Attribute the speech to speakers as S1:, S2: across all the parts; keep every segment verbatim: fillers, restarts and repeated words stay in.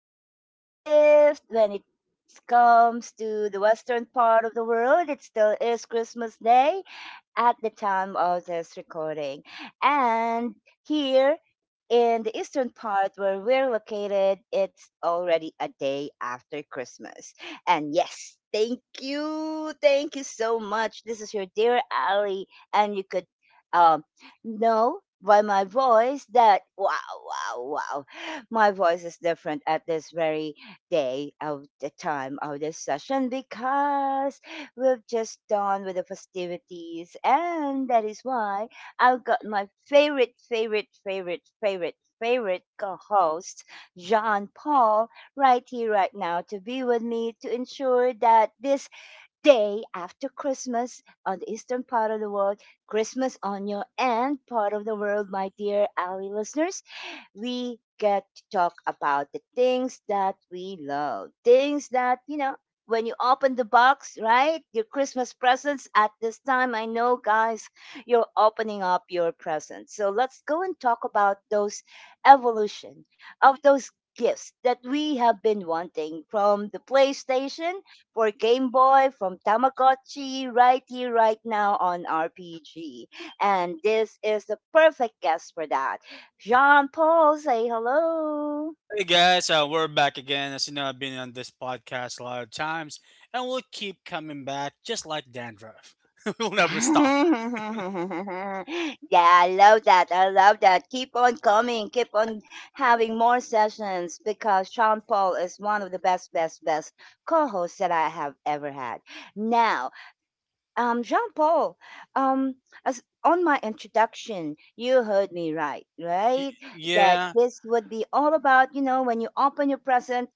S1: the twenty-fifth. When it comes to the western part of the world, it still is Christmas Day at the time of this recording. And here in the eastern part where we're located, it's already a day after Christmas. And yes, thank you. Thank you so much. This is your dear Ali. And you could um, know by my voice that, wow, wow, wow, my voice is different at this very day of the time of this session because we've just done with the festivities, and that is why I've got my favorite, favorite, favorite, favorite, favorite co-host, Jean Paul, right here, right now, to be with me to ensure that this day after Christmas on the eastern part of the world, Christmas on your end part of the world, my dear Ali listeners, we get to talk about the things that we love. Things that, you know, when you open the box, right? Your Christmas presents at this time. I know, guys, you're opening up your presents. So let's go and talk about those evolution of those gifts that we have been wanting from the PlayStation for Game Boy, from Tamagotchi, right here, right now on R P G. And this is the perfect guest for that. Jean Paul, say hello.
S2: Hey guys, uh, we're back again. As you know, I've been on this podcast a lot of times, and we'll keep coming back, just like dandruff. We'll never stop.
S1: Yeah, I love that. I love that. Keep on coming. Keep on having more sessions because Sean Paul is one of the best, best, best co hosts that I have ever had. Now, um, Jean Paul, um, as on my introduction, you heard me right,
S2: Y-
S1: right? That
S2: yeah,
S1: this would be all about, you know, when you open your present,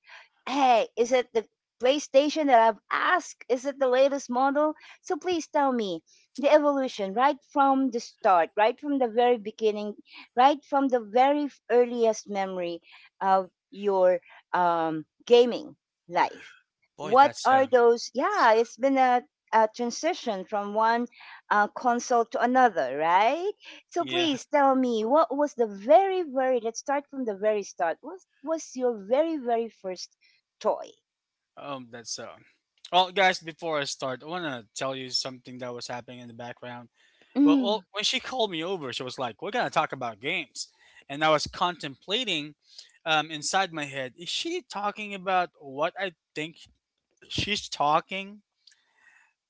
S1: hey, is it the PlayStation that I've asked? Is it the latest model? So please tell me the evolution right from the start, right from the very beginning, right from the very f- earliest memory of your um, gaming life.
S2: boy,
S1: What
S2: that's uh,
S1: are those?
S2: that's,
S1: Yeah, it's been a uh, transition from one uh, console to another, right? So
S2: yeah,
S1: please tell me, what was the very, very, let's start from the very start. What was your very, very first toy?
S2: um, that's uh. Well, guys, before I start, I wanna tell you something that was happening in the background. Well,
S1: Mm.
S2: well, when she called me over, she was like, "We're gonna talk about games," and I was contemplating, um, inside my head, is she talking about what I think she's talking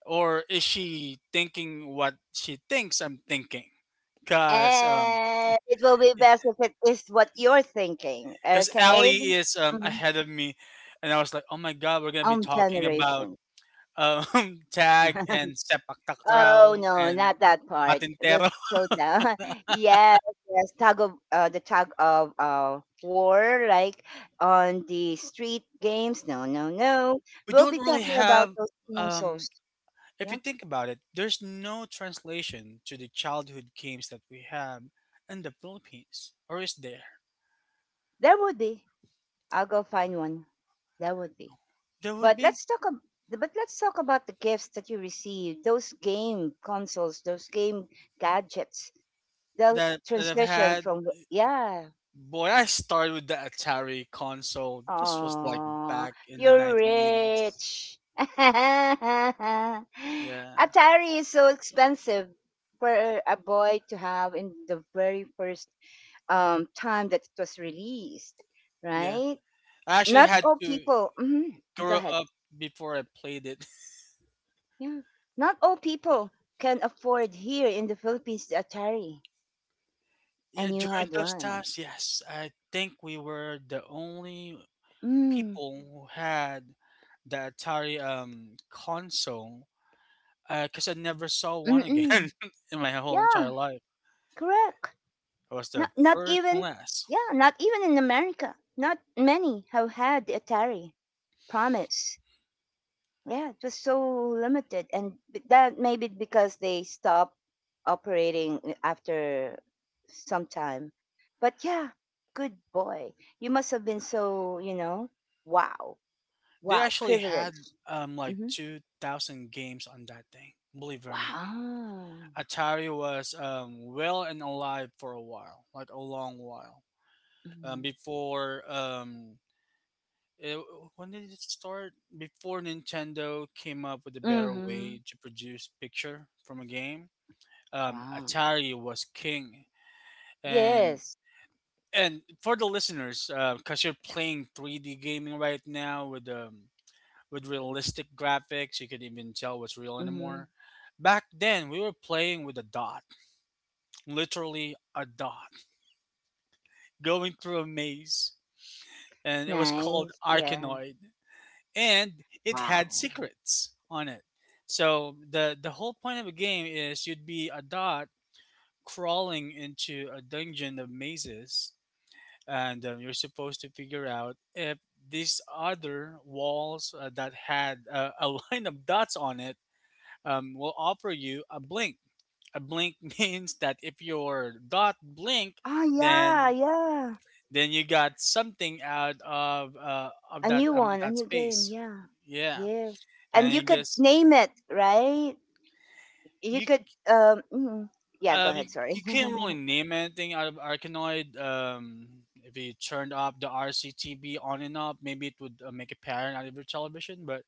S2: or is she thinking what she thinks I'm thinking? Cause um,
S1: And it will be best if it is what you're thinking,
S2: cause
S1: okay?
S2: Allie is um
S1: Mhm.
S2: ahead of me, and I was like, oh my god, we're gonna be
S1: Um,
S2: talking about
S1: generation.
S2: um tag and sepak takraw
S1: Oh no,
S2: and
S1: not that part. With
S2: patintero.
S1: soda. Yes, yes. Tug of uh, the tug of uh war, like on the street games. No, no, no.
S2: We
S1: We'll
S2: don't
S1: be
S2: really
S1: talking about
S2: have
S1: those
S2: um.
S1: consoles.
S2: If you
S1: Yeah,
S2: think about it, there's no translation to the childhood games that we have in the Philippines, or is there?
S1: there would be. I'll go find one. There would be.
S2: There would
S1: But
S2: be
S1: let's talk. ab- But let's talk about the gifts that you received. Those game consoles. Those game gadgets. The
S2: that that I've
S1: transition
S2: had.
S1: from, yeah.
S2: Boy, I started with the Atari console. This was like
S1: Oh,
S2: back in the
S1: you're
S2: nineteen eighties.
S1: rich. Atari
S2: Yeah,
S1: is so expensive for a boy to have in the very first um, time that it was released,
S2: yeah.
S1: right?
S2: I actually
S1: Not
S2: had
S1: all
S2: to
S1: people. Mhm. Go
S2: grow
S1: ahead.
S2: up before I played it.
S1: Yeah, not all people can afford here in the Philippines the Atari,
S2: Yeah,
S1: and you
S2: during
S1: had
S2: those
S1: one.
S2: times, yes, I think we were the only
S1: Mm.
S2: people who had the Atari um console, because I never saw one again
S1: Mm-mm.
S2: in my whole entire
S1: Yeah,
S2: life.
S1: correct.
S2: I was
S1: Not,
S2: the
S1: not
S2: first and
S1: even,
S2: last.
S1: yeah, not even in America. Not many have had the Atari promise. Yeah, it was so limited, and b- that maybe because they stopped operating uh, after some time. But yeah, good boy. You must have been so, you know, wow,
S2: They
S1: wow,
S2: actually had
S1: privileged.
S2: um like
S1: Hmm.
S2: two thousand games on that thing. Believe it or not.
S1: Wow.
S2: Atari was um, well and alive for a while, like a long while. Um,
S1: Hmm.
S2: before um, it, when did it start? Before Nintendo came up with a better
S1: Hmm.
S2: way to produce picture from a game, um,
S1: Wow.
S2: Atari was king. And
S1: Yes.
S2: and for the listeners, because you're playing three D gaming right now with um, with realistic graphics, you could even tell what's real
S1: Hmm.
S2: anymore. Back then, we were playing with a dot, literally a dot going through a maze, and it was called
S1: Nice. Yeah.
S2: Arkanoid, and it had
S1: Wow.
S2: secrets on it. So the the whole point of the game is you'd be a dot crawling into a dungeon of mazes, and um, you're supposed to figure out if these other walls uh, that had uh, a line of dots on it um, will offer you a blink. A blink means that if your dot blink,
S1: Ah, yeah,
S2: then
S1: yeah.
S2: then you got something out of uh, of
S1: A
S2: that
S1: new
S2: um,
S1: one, a
S2: that
S1: new game.
S2: space.
S1: Yeah,
S2: Yeah,
S1: yes. And
S2: and
S1: you
S2: you
S1: could
S2: guess
S1: name it, right? You
S2: you
S1: could. Um. Mm. Yeah. Go
S2: um
S1: ahead.
S2: you,
S1: Sorry.
S2: you can't really name anything out of Arcanoid. Um, if you turned off the R C T V on and off, maybe it would uh, make a pattern out of your television, but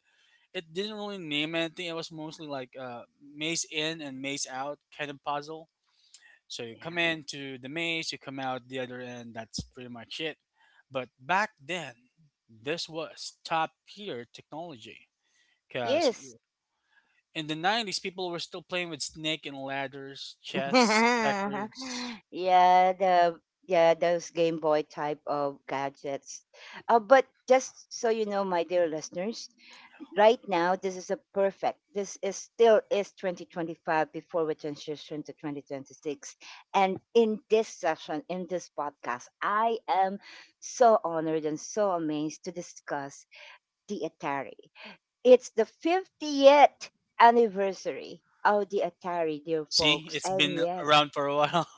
S2: it didn't really name anything. It was mostly like uh, maze in and maze out kind of puzzle. So you come
S1: Yeah.
S2: into the maze, you come out the other end. That's pretty much it. But back then, this was top tier technology because
S1: Yes.
S2: in the nineties, people were still playing with snake and ladders, chess, checkers.
S1: Yeah. The Yeah, those Game Boy type of gadgets. Uh, but just so you know, my dear listeners, right now this is a perfect, this is still is twenty twenty-five before we transition to twenty twenty-six, and in this session, in this podcast, I am so honored and so amazed to discuss the Atari. It's the fiftieth anniversary of the Atari, dear
S2: See,
S1: folks.
S2: it's
S1: And
S2: been
S1: yes,
S2: around for a while.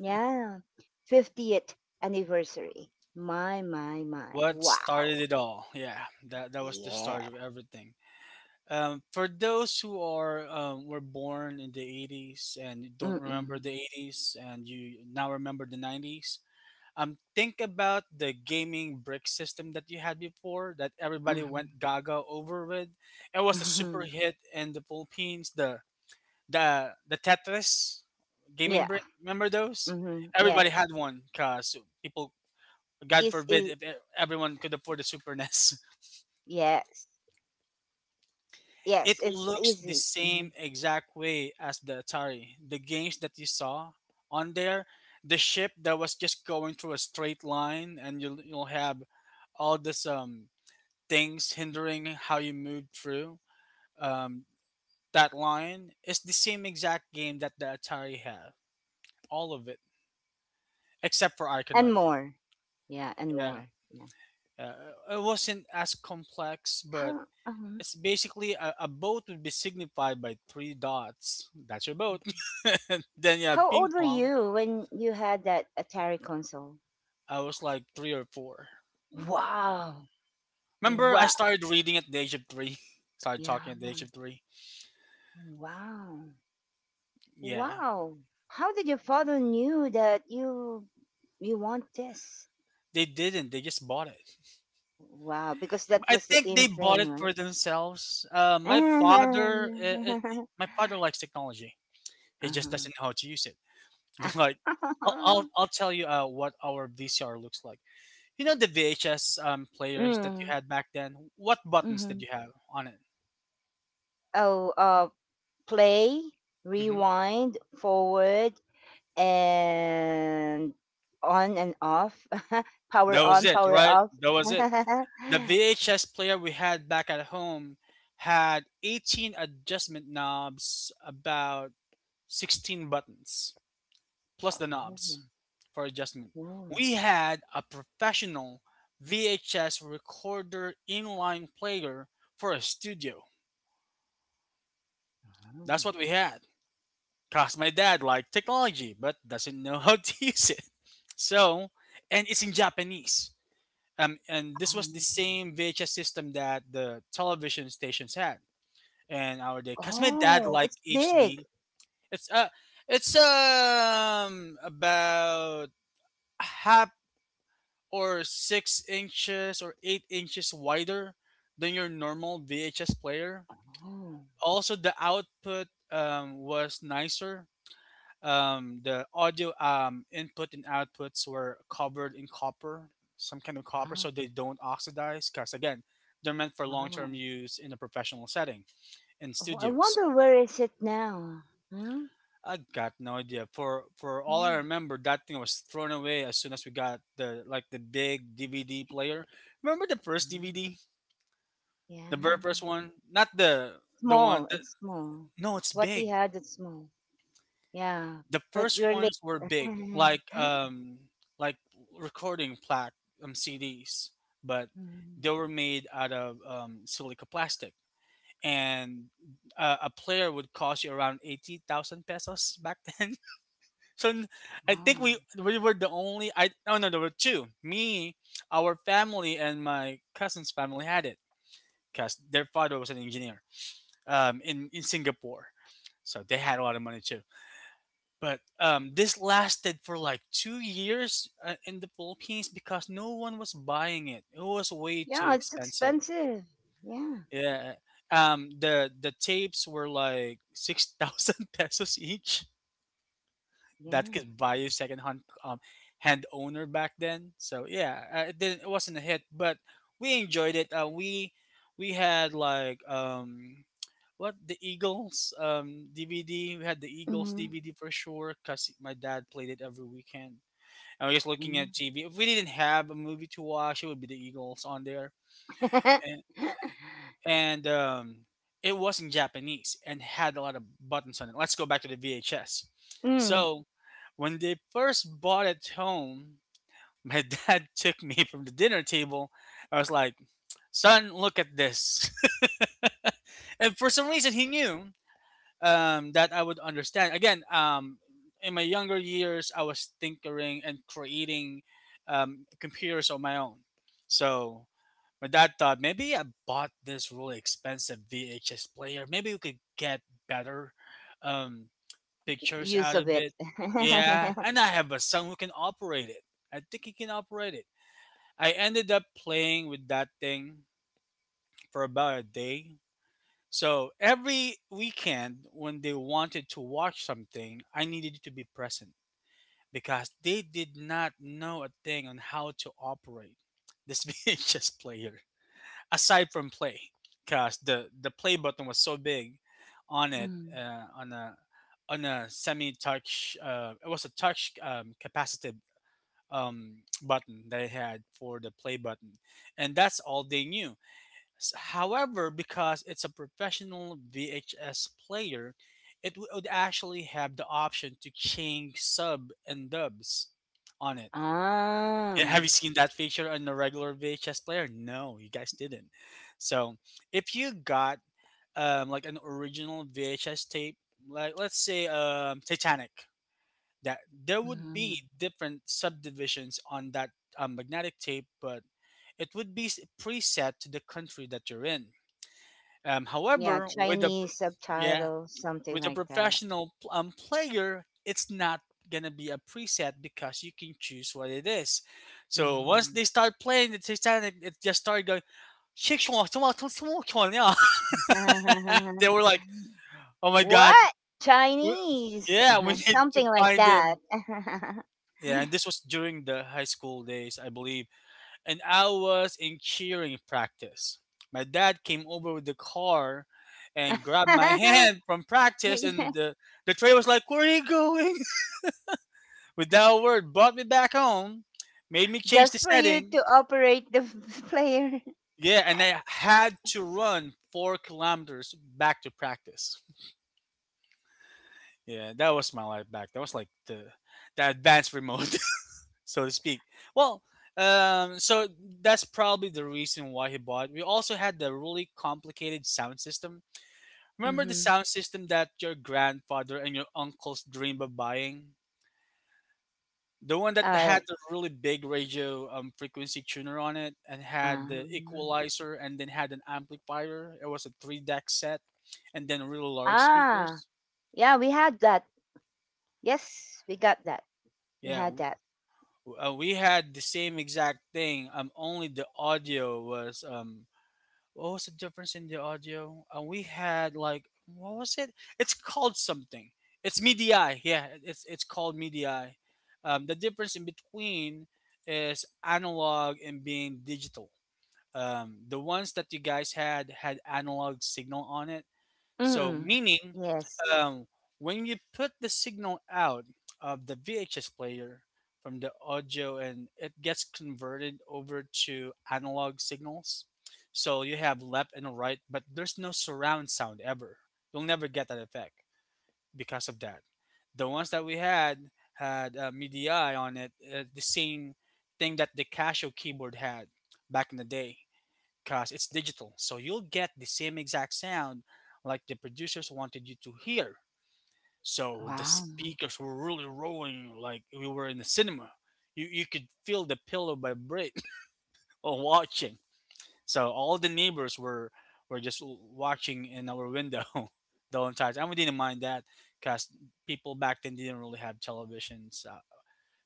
S1: yeah, fiftieth anniversary. my my my
S2: What
S1: wow.
S2: started it all? Yeah, that, that was the start
S1: Yeah.
S2: of everything. Um, for those who are um, were born in the eighties and don't remember
S1: Mm-mm.
S2: the eighties and you now remember the nineties, Um, think about the gaming brick system that you had before that everybody
S1: Mm-mm.
S2: went gaga over with. It was a super hit in the Philippines. The the the Tetris gaming
S1: Yeah.
S2: brick. Remember those?
S1: Mhm.
S2: Everybody
S1: Yes.
S2: had one because people, God
S1: It's
S2: forbid,
S1: it.
S2: if e- everyone could afford a Super NES.
S1: Yes. Yes.
S2: It
S1: It's
S2: looks the
S1: easy. Hmm.
S2: same exact way as the Atari. The games that you saw on there, the ship that was just going through a straight line, and you'll, you'll have all this um things hindering how you move through um, that line is the same exact game that the Atari had. All of it, except for
S1: And
S2: Iconoid.
S1: more. Yeah. And
S2: Yeah.
S1: more. Yeah.
S2: Uh, it wasn't as complex, but
S1: How? Uh huh.
S2: it's basically a, a boat would be signified by three dots. That's your boat. And then, yeah,
S1: How
S2: ping
S1: old were
S2: pong.
S1: you when you had that Atari console?
S2: I was like three or four.
S1: Wow.
S2: Remember, I
S1: Wow.
S2: started reading at the age of three. Started talking
S1: Yeah.
S2: at the age of three.
S1: Wow.
S2: Yeah.
S1: Wow. How did your father knew that you you want this?
S2: They didn't. They just bought it.
S1: Wow. Because that
S2: I
S1: was the
S2: think they
S1: in
S2: bought
S1: thing,
S2: it for
S1: right?
S2: themselves. Uh, my father, uh, uh, my father likes technology. He just
S1: Uh-huh.
S2: doesn't know how to use it. Like, I'll, I'll, I'll tell you uh, what our V C R looks like. You know the V H S um, players that you
S1: Mm.
S2: had back then. What buttons
S1: Mm-hmm.
S2: did you have on it?
S1: Oh, uh, play,
S2: hmm
S1: rewind, forward, and on and off.
S2: That
S1: Power
S2: was
S1: on,
S2: it,
S1: power
S2: right?
S1: off.
S2: That was it.
S1: Oh,
S2: The V H S player we had back at home had eighteen adjustment knobs, about sixteen buttons, plus the knobs for adjustment.
S1: oh,
S2: We had a professional V H S recorder inline player for a studio. That's what we had. Cause my dad liked technology but doesn't know how to use it. So, and it's in Japanese. Um, and this was the
S1: oh,
S2: same V H S system that the television stations had in our day. Cause my dad
S1: oh, it's
S2: liked
S1: big.
S2: H D. It's uh, it's um about half or six inches or eight inches wider than your normal V H S player.
S1: Oh,
S2: Also, the output um, was nicer. Um, the audio um, input and outputs were covered in copper, some kind of copper,
S1: wow,
S2: so they don't oxidize. Because again, they're meant for long-term
S1: wow.
S2: use in a professional setting in
S1: Oh, I
S2: studios.
S1: wonder where is it now? Huh?
S2: I got no idea. For for all I
S1: Yeah,
S2: remember, that thing was thrown away as soon as we got the like the big D V D player. Remember the first
S1: yeah.
S2: D V D? The very
S1: Yeah.
S2: first one, not the the
S1: Small,
S2: one. The,
S1: it's small.
S2: No, it's
S1: What we
S2: big.
S1: had, it's small. Yeah,
S2: The
S1: but
S2: first
S1: we're
S2: ones
S1: late.
S2: were big, like um, like recording plaque um C Ds, but
S1: Mhm.
S2: they were made out of um, silica plastic, and uh, a player would cost you around eighty thousand pesos back then. so n- I think
S1: Wow.
S2: we we were the only. I Oh no, there were two. Me, our family and my cousin's family had it because their father was an engineer um, in in Singapore. So they had a lot of money too. But um, this lasted for like two years uh, in the Philippines because no one was buying it. It was way too
S1: Yeah, it's
S2: expensive.
S1: expensive. Yeah,
S2: Yeah. Um, the the tapes were like six thousand pesos each. That
S1: yeah.
S2: could buy you secondhand um, hand owner back then. So yeah, uh, it didn't it wasn't a hit, but we enjoyed it. Uh, we we had like um what the Eagles um D V D. We had the Eagles
S1: Mhm,
S2: D V D for sure because my dad played it every weekend. And we're just looking
S1: mhm.
S2: at T V. If we didn't have a movie to watch, it would be the Eagles on there, and um, it was in Japanese and had a lot of buttons on it. Let's go back to the V H S.
S1: Mm,
S2: So when they first bought it home, my dad took me from the dinner table. I was like, "Son, look at this." And for some reason, he knew um, that I would understand. Again, um, in my younger years, I was tinkering and creating um, computers on my own. So my dad thought maybe I bought this really expensive V H S player. Maybe we could get better um, pictures
S1: use
S2: out
S1: of
S2: of
S1: it.
S2: it. Yeah, and I have a son who can operate it. I think he can operate it. I ended up playing with that thing for about a day, so every weekend, when they wanted to watch something, I needed to be present because they did not know a thing on how to operate this V H S player aside from play, because the the play button was so big on it
S1: Mm.
S2: uh, on a on a semi touch. Uh, it was a touch um, capacitive um, button that it had for the play button, and that's all they knew. S- However, because it's a professional V H S player, it would actually have the option to change sub and dubs on it. Yeah, have
S1: Ah.
S2: you seen that feature on the regular V H S player? No, you guys didn't. So, if you got um, like an original V H S tape, like let's say um, Titanic, that there would
S1: Mhm.
S2: be different subdivisions on that um, magnetic tape, but it would be s- preset to the country that you're in. Um,
S1: Yeah,
S2: however, with a
S1: Chinese
S2: yeah,
S1: subtitles, something
S2: with a
S1: like that.
S2: professional pl- um, player, it's not gonna be a preset because you can choose what it is. So once
S1: Mhm.
S2: they start playing the Titanic, it just started going. "Shake, shawl, shawl, shawl, shawl, shawl," yeah. They were like, "Oh my god,
S1: What?
S2: w-
S1: Chinese?
S2: yeah, we need to
S1: Something like
S2: find
S1: that.
S2: him." Yeah, and this was during the high school days, I believe, and I was in cheering practice. My dad came over with the car and grabbed my hand from practice, and the, the tray was like, where are you going? Without a word, brought me back home, made me change the
S1: Just for you
S2: setting.
S1: to operate the player.
S2: Yeah, and I had to run four kilometers back to practice. Yeah, that was my life back. That was like the the advanced remote, so to speak. Well, um, so that's probably the reason why he bought. We also had the really complicated sound system. Remember the
S1: Mhm.
S2: sound system that your grandfather and your uncles dreamed of buying? The one that
S1: Uh,
S2: had the really big radio um, frequency tuner on it and had the
S1: um,
S2: equalizer and then had an amplifier. It was a three deck set and then really large
S1: ah,
S2: speakers.
S1: yeah, we had that. Yes, we got that. We
S2: Yeah,
S1: had
S2: w-
S1: that.
S2: uh, we had the same exact thing. Um, only the audio was um what was the difference in the audio? And we had like what was it? It's called something. It's media. Yeah, it's it's called media. Um, the difference in between is analog and being digital. Um, the ones that you guys had had analog signal on it. So
S1: Mm.
S2: meaning
S1: Yes.
S2: um, when you put the signal out of the V H S player from the audio and it gets converted over to analog signals. So you have left and right, but there's no surround sound ever. You'll never get that effect because of that. The ones that we had had uh, MIDI on it, uh, the same thing that the Casio keyboard had back in the day, because it's digital. So you'll get the same exact sound like the producers wanted you to hear so the
S1: Wow.
S2: speakers were really rolling like we were in the cinema. You you could feel the pillow vibrate while watching. So all the neighbors were were just w- watching in our window the whole entire time. And we didn't mind that because people back then didn't really have televisions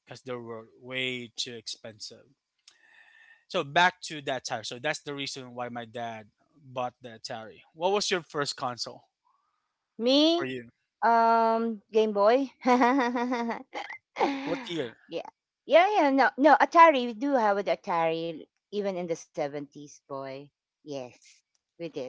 S2: because they were way too expensive. So back to that Atari. So that's the reason why my dad bought the Atari. What was your first console for
S1: Me,
S2: you?
S1: um, Game Boy. Yeah.
S2: What year?
S1: Yeah, yeah, no, no, Atari, we do have an Atari, even in the seventies, boy. Yes, we did.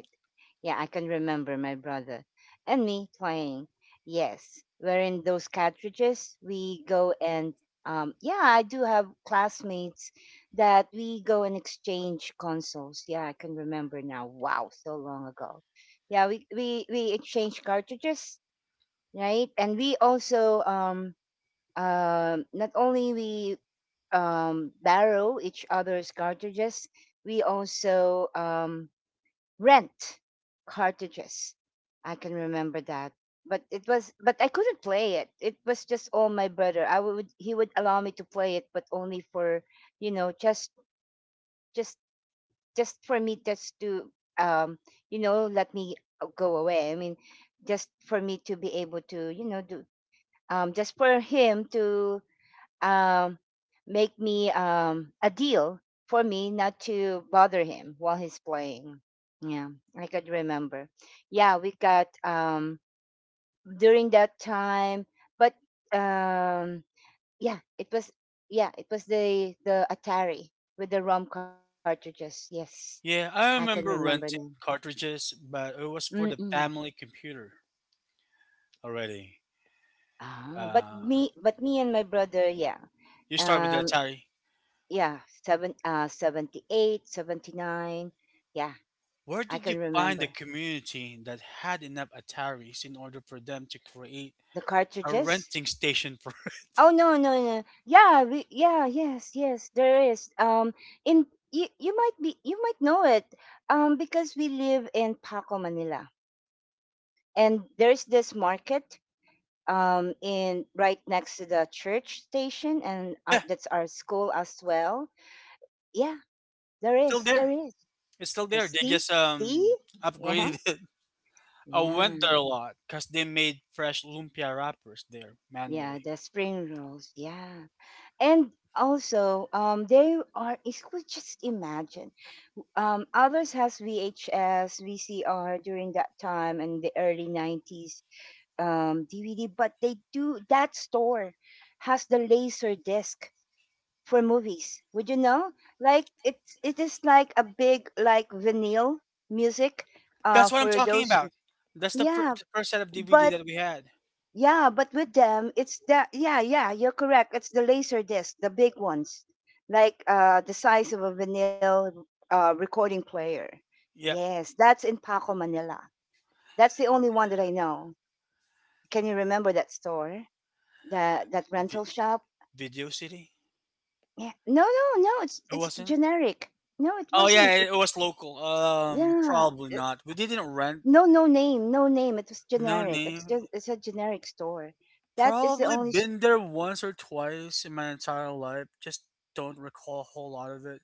S1: Yeah, I can remember my brother and me playing. Yes, wherein those cartridges, we go and, um, yeah, I do have classmates that we go and exchange consoles. Yeah, I can remember now. Wow, so long ago. Yeah, we, we, we exchange cartridges, right? And we also, um, um, not only we um, borrow each other's cartridges, we also um, rent cartridges. I can remember that, but it was but I couldn't play it. It was just all my brother. I would He would allow me to play it, but only for, you know, just just just for me just to, um, you know, let me uh, go away. I mean, just for me to be able to, you know, do, um, just for him to um, make me um, a deal for me not to bother him while he's playing. Yeah, I could remember. Yeah, we got, um, during that time, but um, yeah, it was yeah, it was the the Atari with the ROM cartridges. Yes, I
S2: Yeah,
S1: can
S2: I
S1: remember
S2: remember
S1: now.
S2: renting cartridges, but it was for the
S1: Mm-mm.
S2: family computer already.
S1: Ah, but
S2: Uh,
S1: me, but me and my brother, yeah,
S2: you start with the
S1: um,
S2: Atari.
S1: yeah, seven, uh, seventy eight, seventy nine. Yeah,
S2: Where
S1: I
S2: did you
S1: can
S2: find a
S1: remember.
S2: community that had enough Ataris in order for them to create
S1: The
S2: a
S1: cartridges?
S2: renting station for?
S1: Oh no, no, no. Yeah, we, yeah, yes, yes, there is. Um in, you, you might be you might know it. Um, because we live in Paco, Manila. And there's this market um in right next to the church station and our,
S2: yeah,
S1: that's our school as well. Yeah, there
S2: it's still
S1: is.
S2: there.
S1: There is.
S2: It's still
S1: Uh,
S2: there. They
S1: See?
S2: just
S1: See?
S2: um
S1: Yeah.
S2: upgraded it. I went
S1: Yeah.
S2: there a lot because they made fresh lumpia wrappers there
S1: Yeah,
S2: manually.
S1: the spring rolls. Yeah. And also, um, there are, is, could just imagine, um, others has VHS, VCR during that time and the early nineties, um, DVD, but they, do that store has the laser disc for movies. Would you know, like it's, it is like a big, like vinyl music, uh,
S2: That's what I'm
S1: for
S2: talking
S1: those,
S2: about. That's the, fir-
S1: yeah,
S2: the first set of D V D
S1: but
S2: that we had.
S1: yeah, but with them, it's the, yeah, yeah, you're correct. It's the laser disc, the big ones, like, uh, the size of a vinyl, uh, recording player.
S2: Yep,
S1: Yes, that's in Paco, Manila. That's the only one that I know. Can you remember that store, that that
S2: v-
S1: rental shop?
S2: Video City.
S1: Yeah, no, no, no. It's
S2: It
S1: it's
S2: wasn't.
S1: generic. No, it
S2: Oh yeah,
S1: wasn't. It,
S2: it it was local. Um,
S1: yeah,
S2: probably
S1: it-
S2: not. We didn't rent.
S1: no, no name, no name. It was
S2: No
S1: generic. It's just,
S2: name.
S1: it's a generic store. That is the
S2: Probably
S1: only. S-
S2: been there once or twice in my entire life. Just don't recall a whole lot of it.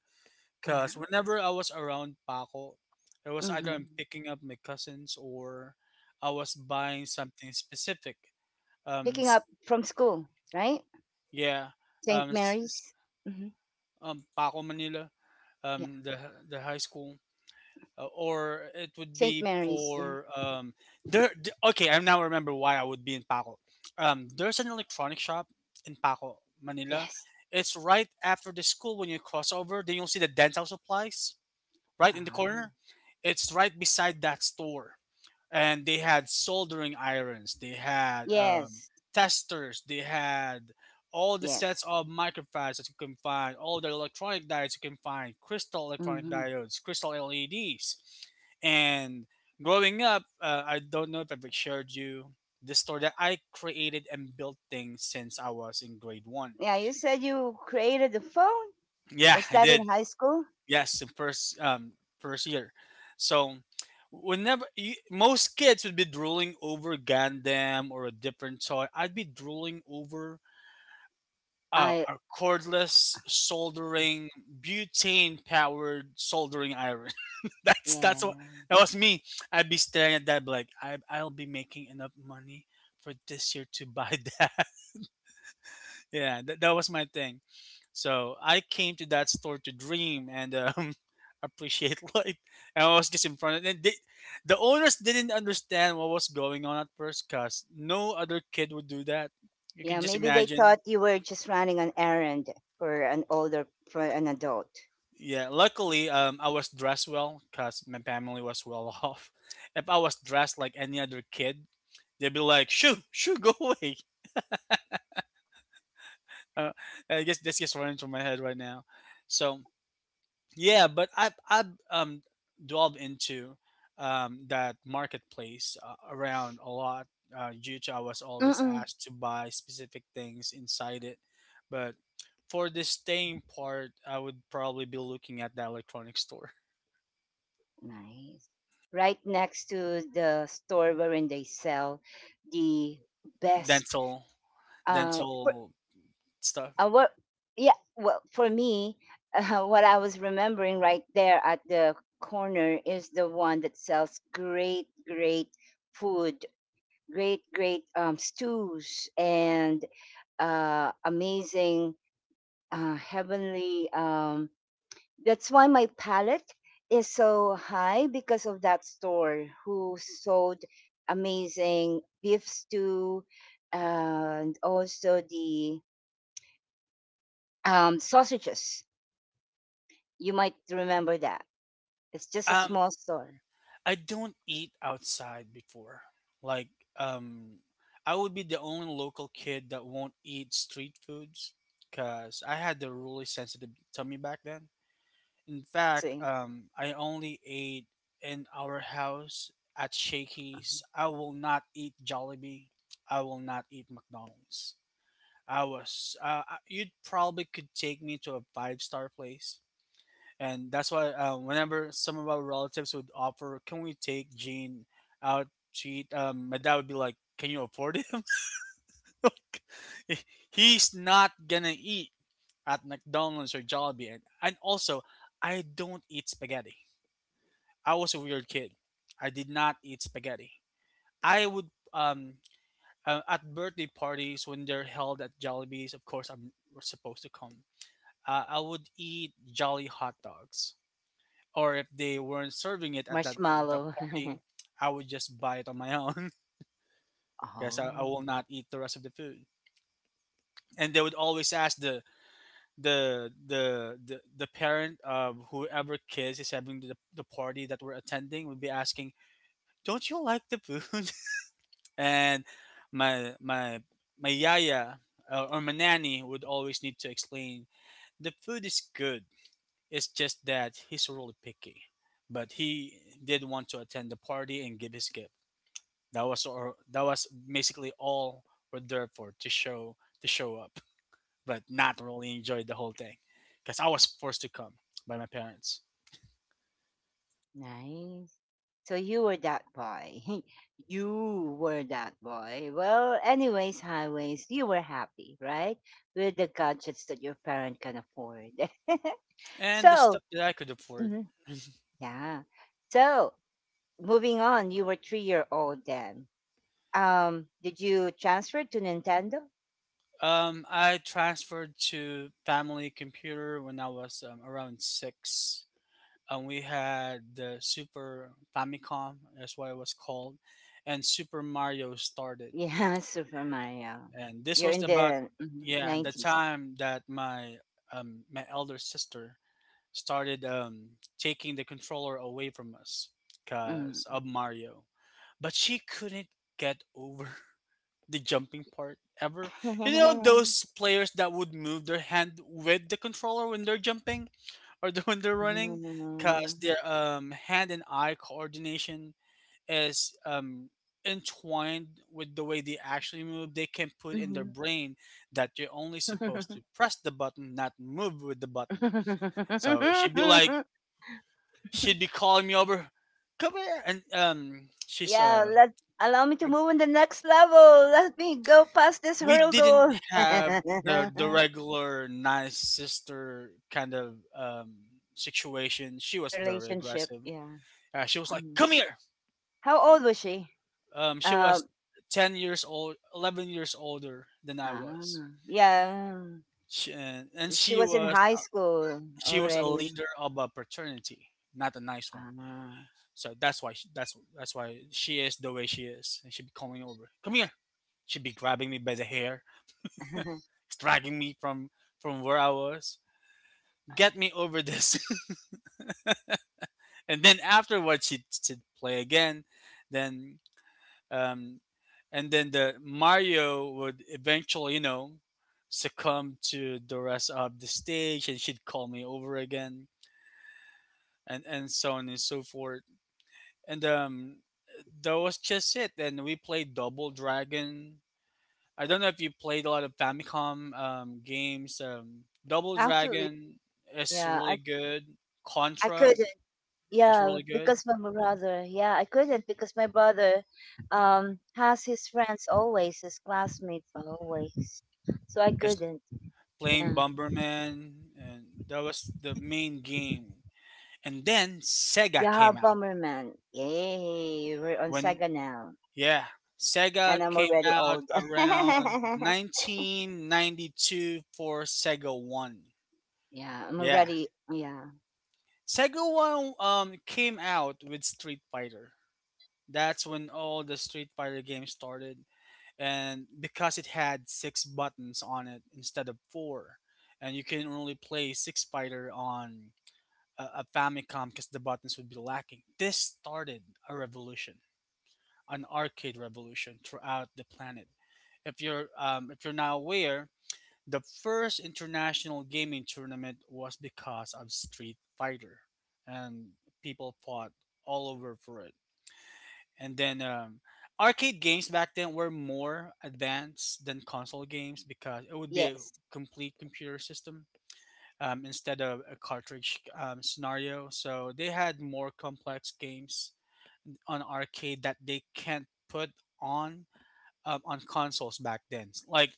S1: Yeah.
S2: Cause whenever I was around Paco, it was either I'm
S1: Hmm.
S2: picking up my cousins or I was buying something specific. Um,
S1: Picking
S2: s-
S1: up from school, right?
S2: yeah.
S1: Saint
S2: Um, s- s-
S1: Mary's. Hmm.
S2: um, Paco Manila.
S1: Yeah.
S2: Um, the the high school. Uh, or it would
S1: Saint
S2: be
S1: Mary's. Yeah.
S2: for um there. D- okay, I now remember why I would be in Paco. Um there's an electronic shop in Paco Manila.
S1: Yes.
S2: It's right after the school when you cross over, then you'll see the dental supplies right in the
S1: Uh,
S2: corner. It's right beside that store, and they had soldering irons, they had um,
S1: yes.
S2: testers, they had all the
S1: Yes.
S2: sets of microfibers that you can find, all the electronic diodes you can find, crystal electronic
S1: Hmm.
S2: diodes, crystal L E Ds. And growing up, uh, I don't know if I've shared you the store that I created and built things since I was in grade one.
S1: Yeah. You said you created the phone.
S2: Yeah,
S1: Was
S2: I
S1: that
S2: did.
S1: in high school?
S2: Yes, in first um first year. So whenever you, most kids would be drooling over Gundam or a different toy, I'd be drooling over uh,
S1: I.
S2: our cordless soldering butane powered soldering iron. that's
S1: Yeah.
S2: that's what that was me. I'd be staring at that like I I'll be making enough money for this year to buy that. Yeah, that, that was my thing. So I came to that store to dream and um, appreciate life. And I was just in front of and they, the owners didn't understand what was going on at first because no other kid would do that. You can
S1: Yeah.
S2: just
S1: Maybe they
S2: imagine.
S1: thought you were just running an errand for an older, for an adult.
S2: Yeah, luckily um, I was dressed well because my family was well off. If I was dressed like any other kid, they'd be like, shoo shoo, go away. uh, I guess that's just running through my head right now, so... Yeah, but I've I've um delved into um that marketplace uh, around a lot, uh, due to I was always
S1: Mm-mm.
S2: asked to buy specific things inside it. But for the staying part, I would probably be looking at the electronic store,
S1: Nice. Right next to the store wherein they sell the best.
S2: dental
S1: Uh, for,
S2: dental stuff.
S1: uh, what? Yeah. Well, for me, uh, what I was remembering right there at the corner is the one that sells great, great food, great, great, um, stews, and uh, amazing, uh, heavenly. Um, that's why my palate is so high because of that store who sold amazing beef stew and also the, um, sausages. You might remember that. It's just a
S2: Um,
S1: small store.
S2: I don't eat outside before. Like, um, I would be the only local kid that won't eat street foods because I had the really sensitive tummy back then. In fact,
S1: Kasi
S2: um, I only ate in our house at Shakey's. I will not eat Jollibee. I will not eat McDonald's. I was, uh, I- you'd probably could take me to a five star place, and that's why uh, whenever some of our relatives would offer, "Can we take Gene out to eat?" Um, my dad would be like, "Can you afford him? Like, he- he's not gonna eat at McDonald's or Jollibee." And, and also, I don't eat spaghetti. I was a weird kid. I did not eat spaghetti. I would um uh, at birthday parties when they're held at Jollibees. Of course, I'm supposed to come. Uh, I would eat Jolly hot dogs or if they weren't serving it at that at that
S1: marshmallow.
S2: party, I would just buy it on my own. Yes, I, I
S1: Oh,
S2: will not eat the rest of the food. And they would always ask the the the the, the parent of whoever kids is having the, the party that we're attending would be asking, "Don't you like the food?" and my my my yaya, uh, or my nanny would always need to explain the food is good. It's just that he's really picky, but he did want to attend the party and give his gift. That was, or that was basically all we're there for, to show to show up, but not really enjoy the whole thing because I was forced to come by my parents.
S1: nice. So you were that boy. You were that boy. Well, anyways, highways, you were happy, right? With the gadgets that your parent can afford.
S2: And the
S1: So,
S2: stuff that I could afford,
S1: mhm, yeah. So, moving on, you were three year old then. Um, did you transfer to Nintendo?
S2: um, I transferred to family computer when I was um, around six. And we had the Super Famicom, that's what it was called, and Super Mario started.
S1: Yeah, Super Mario.
S2: And this
S1: You're
S2: was
S1: in
S2: about,
S1: the mhm,
S2: yeah, the
S1: nineties.
S2: time that my um, my elder sister started um, taking the controller away from us because
S1: Mm.
S2: of Mario. But she couldn't get over the jumping part ever. You know those players that would move their hand with the controller when they're jumping or the, when they're running because
S1: Mhm.
S2: their um, hand and eye coordination is um, entwined with the way they actually move. They can put in their
S1: Mhm.
S2: brain that you're only supposed to press the button, not move with the button. So she'd be like, she'd be calling me over, "Come here," and um, she's
S1: Yeah,
S2: uh,
S1: let allow me to
S2: like,
S1: move on the next level. Let me go past this
S2: we didn't
S1: hurdle.
S2: have the the regular nice sister kind of um situation. She was very
S1: Relationship,
S2: aggressive.
S1: yeah.
S2: Uh, she was like,
S1: Mhm.
S2: "Come here."
S1: How old was she?
S2: Um, she
S1: Uh,
S2: was ten years old, eleven years older than I was.
S1: ah, yeah,
S2: She, and, and
S1: she
S2: she
S1: was in
S2: was
S1: high school
S2: She was a
S1: already.
S2: leader of a fraternity, not a nice one.
S1: Ah.
S2: So that's why she, that's that's why she is the way she is, and she'd be calling over, "Come here." She'd be grabbing me by the hair, dragging me from from where I was. Get me over this. And then afterwards, she'd, she'd play again. Then, um, and then the Mario would eventually, you know, succumb to the rest of the stage, and she'd call me over again, and and so on and so forth. And um, that was just it. And we played Double Dragon. I don't know if you played a lot of Famicom um, games. Um, Double
S1: Absolutely,
S2: Dragon is
S1: yeah.
S2: really
S1: I
S2: good.
S1: I
S2: Contra
S1: could.
S2: was
S1: Yeah,
S2: really good.
S1: because my brother. Yeah, I couldn't because my brother um has his friends always, his classmates always. So I
S2: Just
S1: couldn't.
S2: playing
S1: Yeah.
S2: Bomberman, and that was the main game. And then Sega
S1: Yeah,
S2: came out.
S1: Bomberman. Yay, we're on
S2: When
S1: Sega now.
S2: yeah, Sega
S1: And I'm
S2: came
S1: already
S2: out
S1: old.
S2: around nineteen ninety-two for Sega One.
S1: Yeah, I'm
S2: Yeah,
S1: already yeah.
S2: Sega One um, came out with Street Fighter. That's when all the Street Fighter games started. And because it had six buttons on it instead of four, and you can only play Six Fighter on a, a Famicom because the buttons would be lacking. This started a revolution, an arcade revolution throughout the planet. If you're um, if you're not aware, the first international gaming tournament was because of Street Fighter, and people fought all over for it. And then um, arcade games back then were more advanced than console games because it would be a
S1: Yes.
S2: complete computer system um, instead of a cartridge um, scenario. So they had more complex games on arcade that they can't put on um, on consoles back then. Like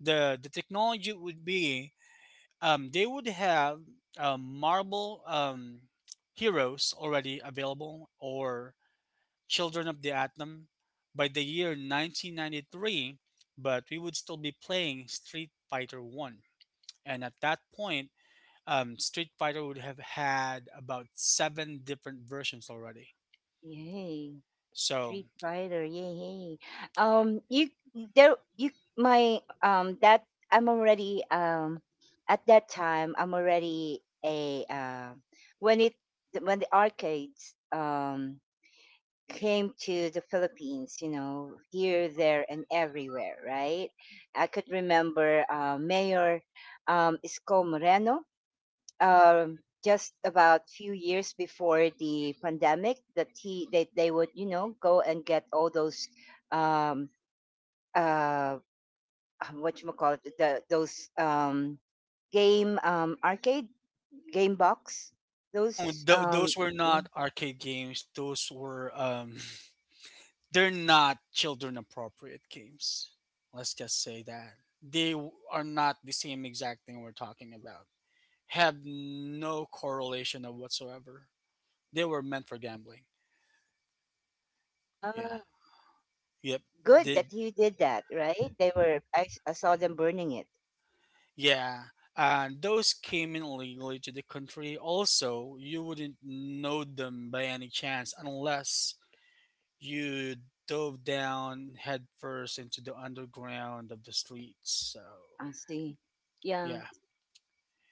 S2: the the technology would be um, they would have um, marble um, heroes already available, or Children of the Atom by the year nineteen ninety-three, but we would still be playing Street Fighter one. And at that point, um, Street Fighter would have had about seven different versions already.
S1: Yay.
S2: So,
S1: Street Fighter, yeah, yay. Um, you there, you my um that I'm already um at that time I'm already a uh, when it when the arcades um came to the Philippines, you know, here, there, and everywhere, right? I could remember uh, Mayor um Isko Moreno, um, just about few years before the pandemic that he they, they would you know go and get all those um uh um, what you call it, the, those um game um arcade game box,
S2: no,
S1: those
S2: th- those
S1: um
S2: were
S1: yeah.
S2: not arcade games. Those were, um, they're not children appropriate games. Let's just say that. They w- are not the same exact thing we're talking about. Have no correlation of whatsoever. They were meant for gambling. Yeah.
S1: Ah,
S2: Yep.
S1: good
S2: Did
S1: that you did that, right? They were I, s- I saw them burning it.
S2: Yeah. Uh, those came in illegally to the country. Also, you wouldn't know them by any chance unless you dove down headfirst into the underground of the streets. So
S1: I see. Yeah.
S2: yeah,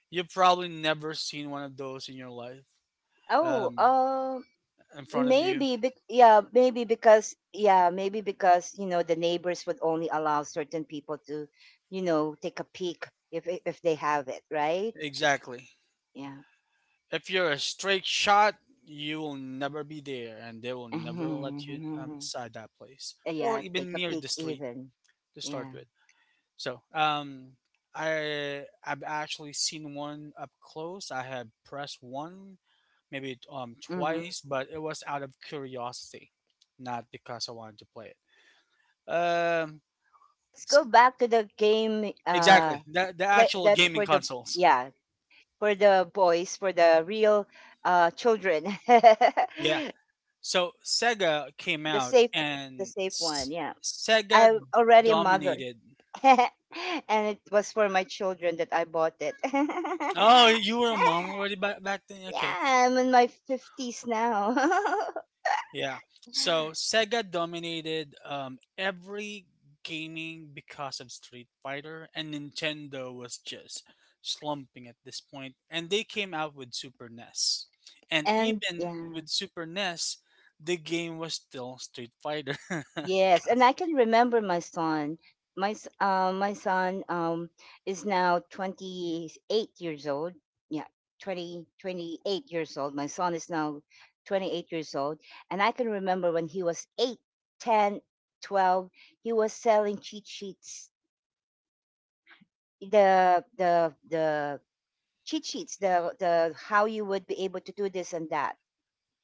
S2: you've probably never seen one of those in your life
S1: oh
S2: um,
S1: uh,
S2: in front of you.
S1: maybe bec Yeah, maybe because yeah maybe because you know the neighbors would only allow certain people to you know take a peek if i- if they have it, right?
S2: Exactly.
S1: Yeah.
S2: If you're a straight shot, you will never be there, and they will never let you um, inside that place or
S1: Yeah, take
S2: even
S1: a
S2: near
S1: peek
S2: the street
S1: even.
S2: to start
S1: Yeah.
S2: with. So, um, I I've actually seen one up close. I had pressed one maybe um
S1: Mm-hmm.
S2: twice, but it was out of curiosity, not because I wanted to play it. Um,
S1: Let's go
S2: s-
S1: back to the game. uh
S2: exactly. The the
S1: play
S2: actual
S1: that
S2: gaming
S1: for the
S2: consoles.
S1: Yeah, for the boys, for the real uh children.
S2: Yeah, so Sega came
S1: the
S2: out,
S1: safe the
S2: and
S1: safe one.
S2: S-
S1: Yeah.
S2: Sega
S1: I'm already a mother.
S2: dominated.
S1: And it was for my children that I bought it. Yeah,
S2: Oh, you were a mom already back back then. Okay,
S1: I'm in my fifties now.
S2: yeah. So Sega dominated um, every gaming because of Street Fighter, and Nintendo was just slumping at this point. And they came out with Super N E S, and
S1: And
S2: even
S1: yeah.
S2: with Super N E S, the game was still Street Fighter.
S1: Yes, and I can remember my son. My s- uh, my son um is now twenty eight years old. Yeah, twenty twenty eight years old. My son is now twenty eight years old, and I can remember when he was eight, ten, twelve. He was selling cheat sheets, the the the cheat sheets, the the how you would be able to do this and that.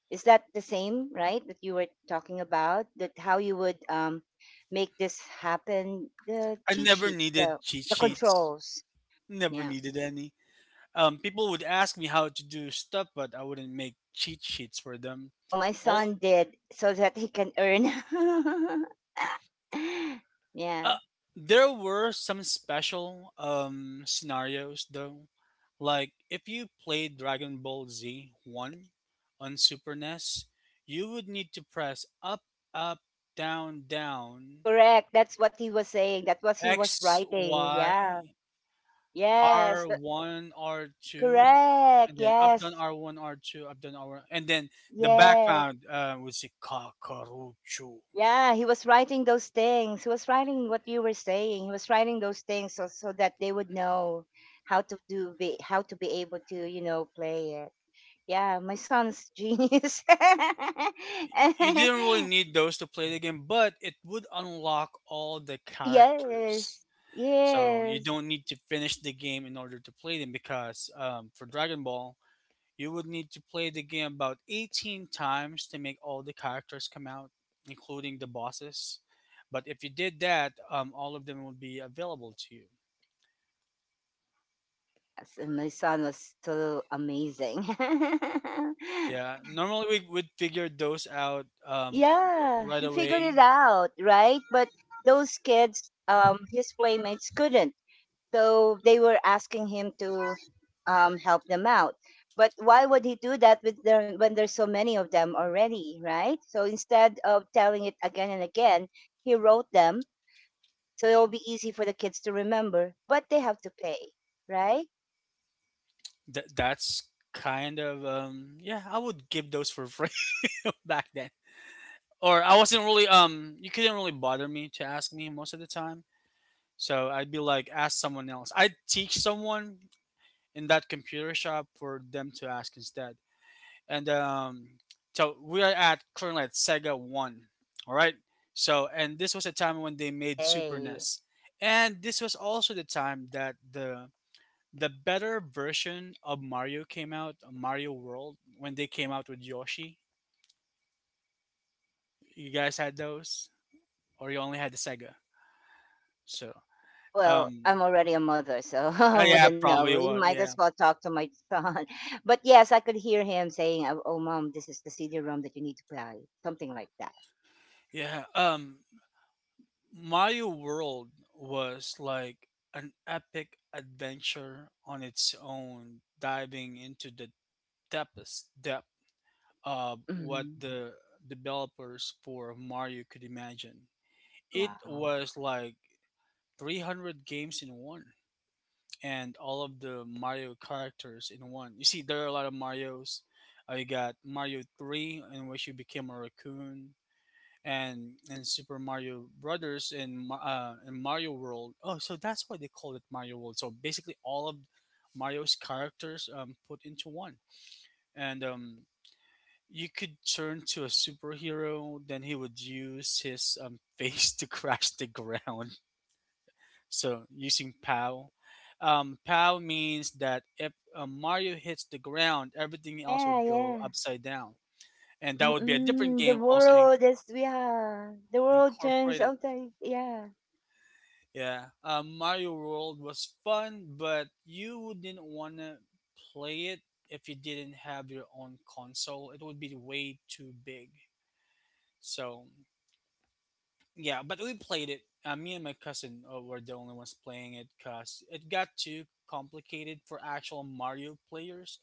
S1: Is that the same, right? That you were talking about, that how you would, um, make this happen? The
S2: I
S1: cheat
S2: never
S1: sheets,
S2: needed
S1: the
S2: cheat
S1: the
S2: sheets.
S1: controls.
S2: Never
S1: Yeah.
S2: needed any. Um, people would ask me how to do stuff, but I wouldn't make cheat sheets for them.
S1: Well, my
S2: All
S1: son did so that he can earn.
S2: uh,
S1: Yeah.
S2: there were some special um scenarios though, like if you played Dragon Ball Z one on Super N E S, you would need to press up, up, down, down,
S1: Correct. That's what he was saying. That's what he was
S2: X,
S1: writing.
S2: Y,
S1: Yeah. Yes.
S2: R
S1: th-
S2: one, R two,
S1: Correct.
S2: and then up, down,
S1: Yes.
S2: R one, R two, up, down, R one, and then the
S1: Yes.
S2: background uh, would say Kakarocho.
S1: Yeah, he was writing those things. He was writing what you were saying. He was writing those things so so that they would know how to do be how to be able to, you know, play it. Yeah, my son's genius.
S2: y- you didn't really need those to play the game, but it would unlock all the characters.
S1: Yes.
S2: So you
S1: Yes.
S2: don't need to finish the game in order to play them, because um, for Dragon Ball, you would need to play the game about eighteen times to make all the characters come out, including the bosses. But if you did that, um, all of them would be available to you.
S1: Yes, and my son was so amazing.
S2: Yeah, normally we would figure those out um, r-
S1: Yeah,
S2: right
S1: he figured it
S2: away.
S1: out, right? But those kids, um his playmates couldn't. So they were asking him to, um, help them out. But why would he do that with there, when there's so many of them already, right? So instead of telling it again and again, he wrote them so it will be easy for the kids to remember. But they have to pay, right?
S2: Th- that's kind of um, yeah. I would give those for free. Back then. Or I wasn't really um you couldn't really bother me to ask me most of the time. So I'd be like, ask someone else. I'd teach someone in that computer shop for them to ask instead. And um so we are at currently at Sega one. All right? So, and this was a time when they made Super
S1: Hey,
S2: N E S. And this was also the time that the the better version of Mario came out, Mario World, when they came out with Yoshi. You guys had those? Or you only had the Sega? So,
S1: well,
S2: um,
S1: I'm already a mother, so
S2: oh
S1: I
S2: yeah,
S1: wouldn't
S2: probably
S1: know. We
S2: was.
S1: might as
S2: Yeah,
S1: well talk to my son. But yes, I could hear him saying, "Oh, oh, mom, this is the C D-ROM that you need to buy," something like that.
S2: yeah. Um, Mario World was like an epic adventure on its own, diving into the deepest depth of what
S1: Mhm.
S2: the developers for Mario could imagine. It
S1: Wow.
S2: was like three hundred games in one, and all of the Mario characters in one. You see, there are a lot of Marios. Uh, you got Mario three, in which you became a raccoon. and and Super Mario Brothers and Ma- uh, and Mario World. Oh, so that's why they call it Mario World. So basically, all of Mario's characters um, put into one, and um, you could turn to a superhero. Then he would use his um, face to crash the ground. So using POW. Um, POW means that if uh, Mario hits the ground, everything else
S1: Yeah,
S2: would go
S1: yeah.
S2: upside down, and that would be a different
S1: Mm, the
S2: game also in-
S1: world is, yeah. The world turns
S2: incorporated.
S1: outside. Yeah.
S2: Yeah, um, Mario World was fun, but you would not want to play it if you didn't have your own console. It would be way too big. So yeah, but we played it. Uh, me and my cousin uh, were the only ones playing it, because it got too complicated for actual Mario players.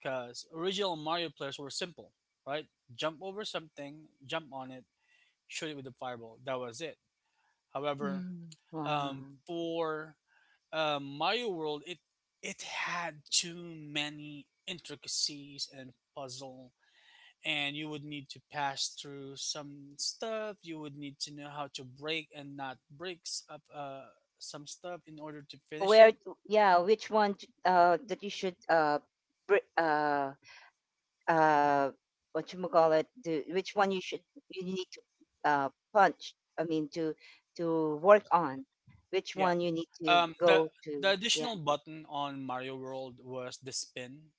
S2: Because original Mario players were simple, right? Jump over something, jump on it, shoot it with a fireball. That was it. However,
S1: Mm,
S2: um,
S1: wow.
S2: for uh, Mario World, it it had too many intricacies and puzzle, and you would need to pass through some stuff. You would need to know how to break and not break s- up uh, some stuff in order to
S1: Uh,
S2: finish
S1: where
S2: it.
S1: to, yeah, which one t- uh that you should uh br- uh uh what you call it? The, which one you should, you need to uh punch. I mean to to work on. Which
S2: Yeah.
S1: one you need to
S2: Um. The
S1: go
S2: the
S1: to? Yeah.
S2: additional button on Mario World was the spin.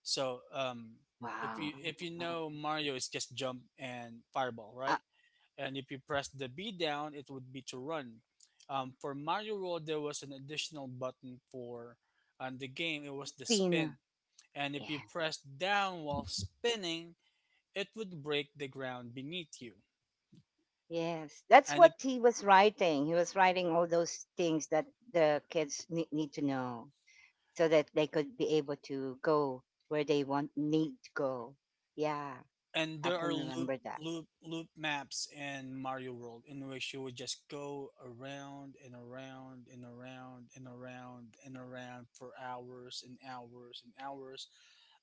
S2: So um, if you
S1: Wow.
S2: if you
S1: Wow.
S2: know Mario, it's just jump and fireball,
S1: Uh,
S2: right? And if you press the B down, it would be to run. Um, for Mario World, there was an additional button for um, the game. It was the spin,
S1: Spin.
S2: and if you
S1: Yeah.
S2: press down while spinning, it would break the ground beneath you.
S1: Yes, that's
S2: And
S1: what he was writing. He was writing all those things that the kids ne- need to know so that they could be able to go where they want need to go. Yeah,
S2: and
S1: I
S2: there are
S1: can
S2: loop
S1: remember that.
S2: loop loop maps in Mario World, in which you would just go around and around and around and around and around for hours and hours and hours,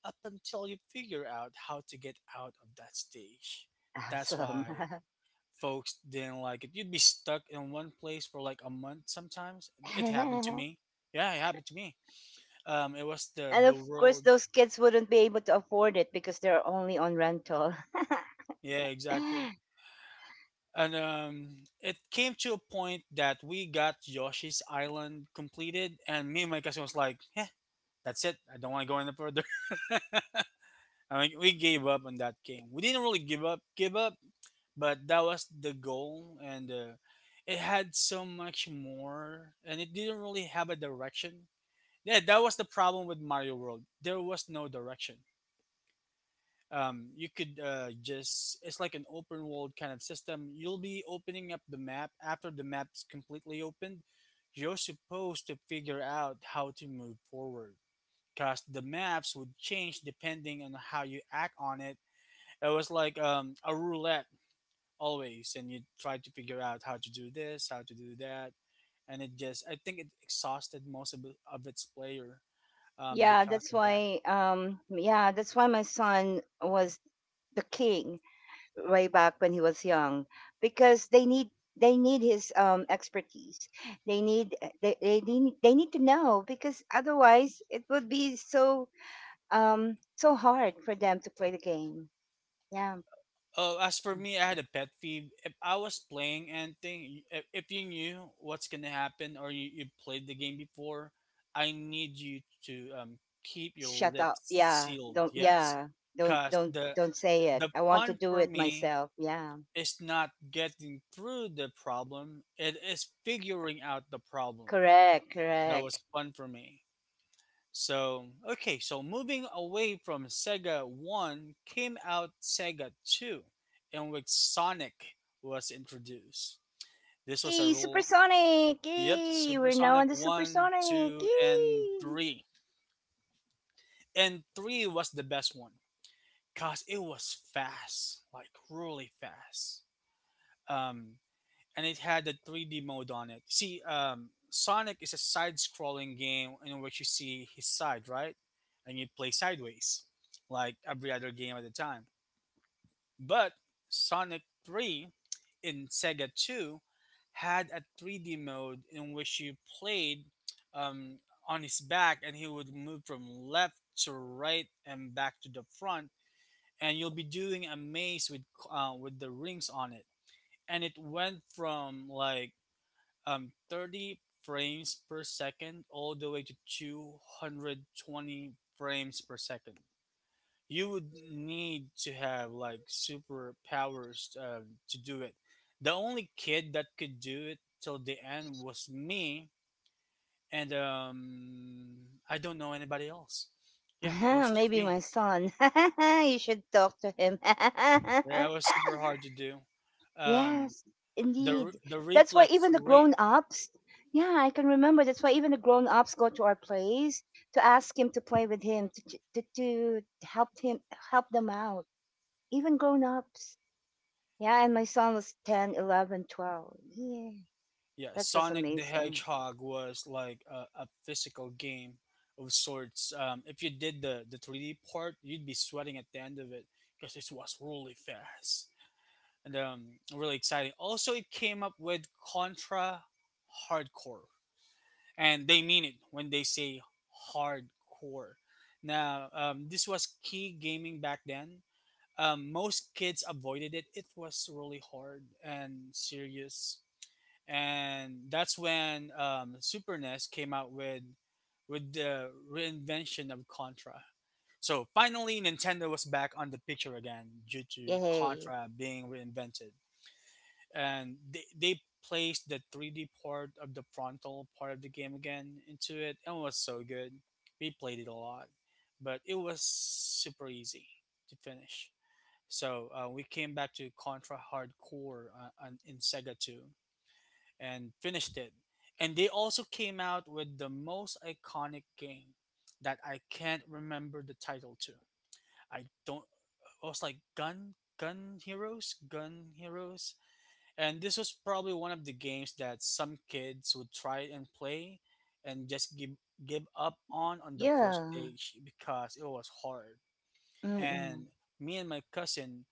S2: up until you figure out how to get out of that stage. That's why
S1: Awesome.
S2: folks didn't like it. You'd be stuck in one place for like a month sometimes. It happened to
S1: And
S2: me. Yeah, it happened to me. Um, it was the the
S1: of course,
S2: world.
S1: those kids wouldn't be able to afford it because they're only on rental.
S2: Yeah, exactly. And um, it came to a point that we got Yoshi's Island completed, and me and my cousin was like, "Eh, that's it. I don't want to go any further." I mean, we gave up on that game. We didn't really give up, give up, but that was the goal, and uh, it had so much more, and it didn't really have a direction. Yeah, that was the problem with Mario World. There was no direction. Um, you could uh, just, it's like an open world kind of system. You'll be opening up the map, after the map's completely opened you're supposed to figure out how to move forward, because the maps would change depending on how you act on it. It was like um, a roulette, always, and you try to figure out how to do this, how to do that. And it just, I think it exhausted most of, of its player, um,
S1: Yeah,
S2: because
S1: that's
S2: of that.
S1: why. Um, yeah, that's why my son was the king way back when he was young because they need they need his um expertise. They need, eh, they, they need they need to know because otherwise it would be so um so hard for them to play the game. Yeah.
S2: Uh, as for me, I had a pet peeve. If I was playing anything, if, if you knew what's gonna happen, or you, you played the game before, I need you to um, keep your
S1: Shut up.
S2: lips
S1: Yeah,
S2: sealed.
S1: don't,
S2: Yes,
S1: yeah, don't
S2: cause
S1: don't
S2: the
S1: don't say it.
S2: the
S1: I want to
S2: fun
S1: do
S2: for
S1: it
S2: me
S1: myself. Yeah.
S2: is not getting through the problem. It is figuring out the problem.
S1: Correct,
S2: That
S1: correct.
S2: was fun for me. So, okay, so moving away from Sega one came out Sega two, in which Sonic was introduced. This was a
S1: Yay,
S2: rule.
S1: supersonic.
S2: Yep,
S1: Yay,
S2: Super
S1: we're now
S2: Sonic
S1: on the
S2: one,
S1: supersonic.
S2: two, and
S1: Yay.
S2: three. And three was the best one, because it was fast, like really fast. Um, and it had a three D mode on it. See, um, Sonic is a side-scrolling game in which you see his side, right? And you play sideways, like every other game at the time. But Sonic three in Sega two had a three D mode in which you played um, on his back, and he would move from left to right and back to the front, and you'll be doing a maze with uh, with the rings on it. And it went from like um thirty frames per second all the way to two hundred twenty frames per second. You would need to have like superpowers um, to do it. The only kid that could do it till the end was me, and um I don't know anybody else. Yeah, it was just
S1: Maybe
S2: me.
S1: my son. You should talk to him.
S2: Yeah, it was super hard to do. um
S1: Yes,
S2: the re-
S1: indeed.
S2: the
S1: That's why
S2: reflex
S1: even the
S2: rate.
S1: grown ups, yeah, I can remember. That's why even the grown ups go to our place to ask him to play with him, to, to, to help him, help them out. Even grown ups. Yeah, and my son was ten, eleven, twelve. Yeah,
S2: Yeah,
S1: that was
S2: Sonic the
S1: amazing.
S2: Hedgehog was like a, a physical game of sorts. Um, if you did the, the three D part, you'd be sweating at the end of it, because it was really fast, and um, really exciting. Also, it came up with Contra Hardcore, and they mean it when they say hardcore. Now, um, this was key gaming back then. Um, most kids avoided it. It was really hard and serious, and that's when um, Super N E S came out with with the reinvention of Contra. So finally, Nintendo was back on the picture again due to
S1: Yay.
S2: Contra being reinvented, and they they placed the three D part of the frontal part of the game again into it, and it was so good. We played it a lot, but it was super easy to finish. So uh, we came back to Contra Hardcore uh, on, in Sega two and finished it. And they also came out with the most iconic game that I can't remember the title to. I don't. It was like Gun Gun Heroes, Gun Heroes, and this was probably one of the games that some kids would try and play, and just give give up on on the first
S1: Yeah.
S2: day sh- because it was hard.
S1: Mm-mm.
S2: And me and my cousin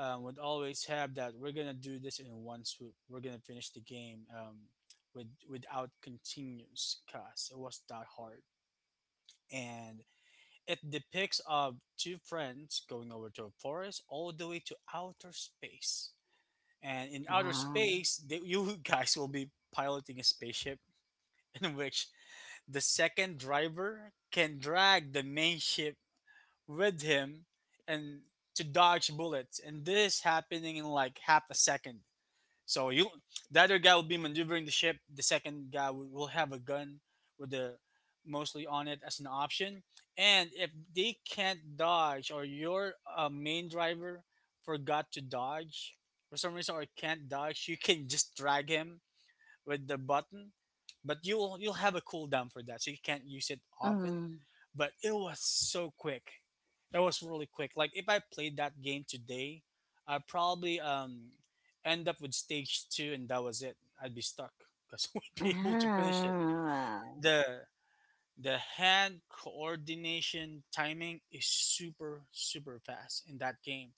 S2: um, would always have that we're gonna do this in one swoop. We're gonna finish the game um, with without continues because it was that hard. And it depicts of two friends going over to a forest all the way to outer space. And in outer
S1: Wow.
S2: space, they, you guys will be piloting a spaceship in which the second driver can drag the main ship with him and to dodge bullets. And this is happening in like half a second. So, you, the other guy will be maneuvering the ship. The second guy will will have a gun with the mostly on it as an option. And if they can't dodge, or your uh, main driver forgot to dodge for some reason, or can't dodge, you can just drag him with the button. But you'll you'll have a cooldown for that, so you can't use it often,
S1: Mm.
S2: but it was so quick. It was really quick. Like if I played that game today, I probably um end up with stage two, and that was it. I'd be stuck because I wouldn't be able to finish it.
S1: Ah.
S2: the The hand coordination timing is super super fast in that game.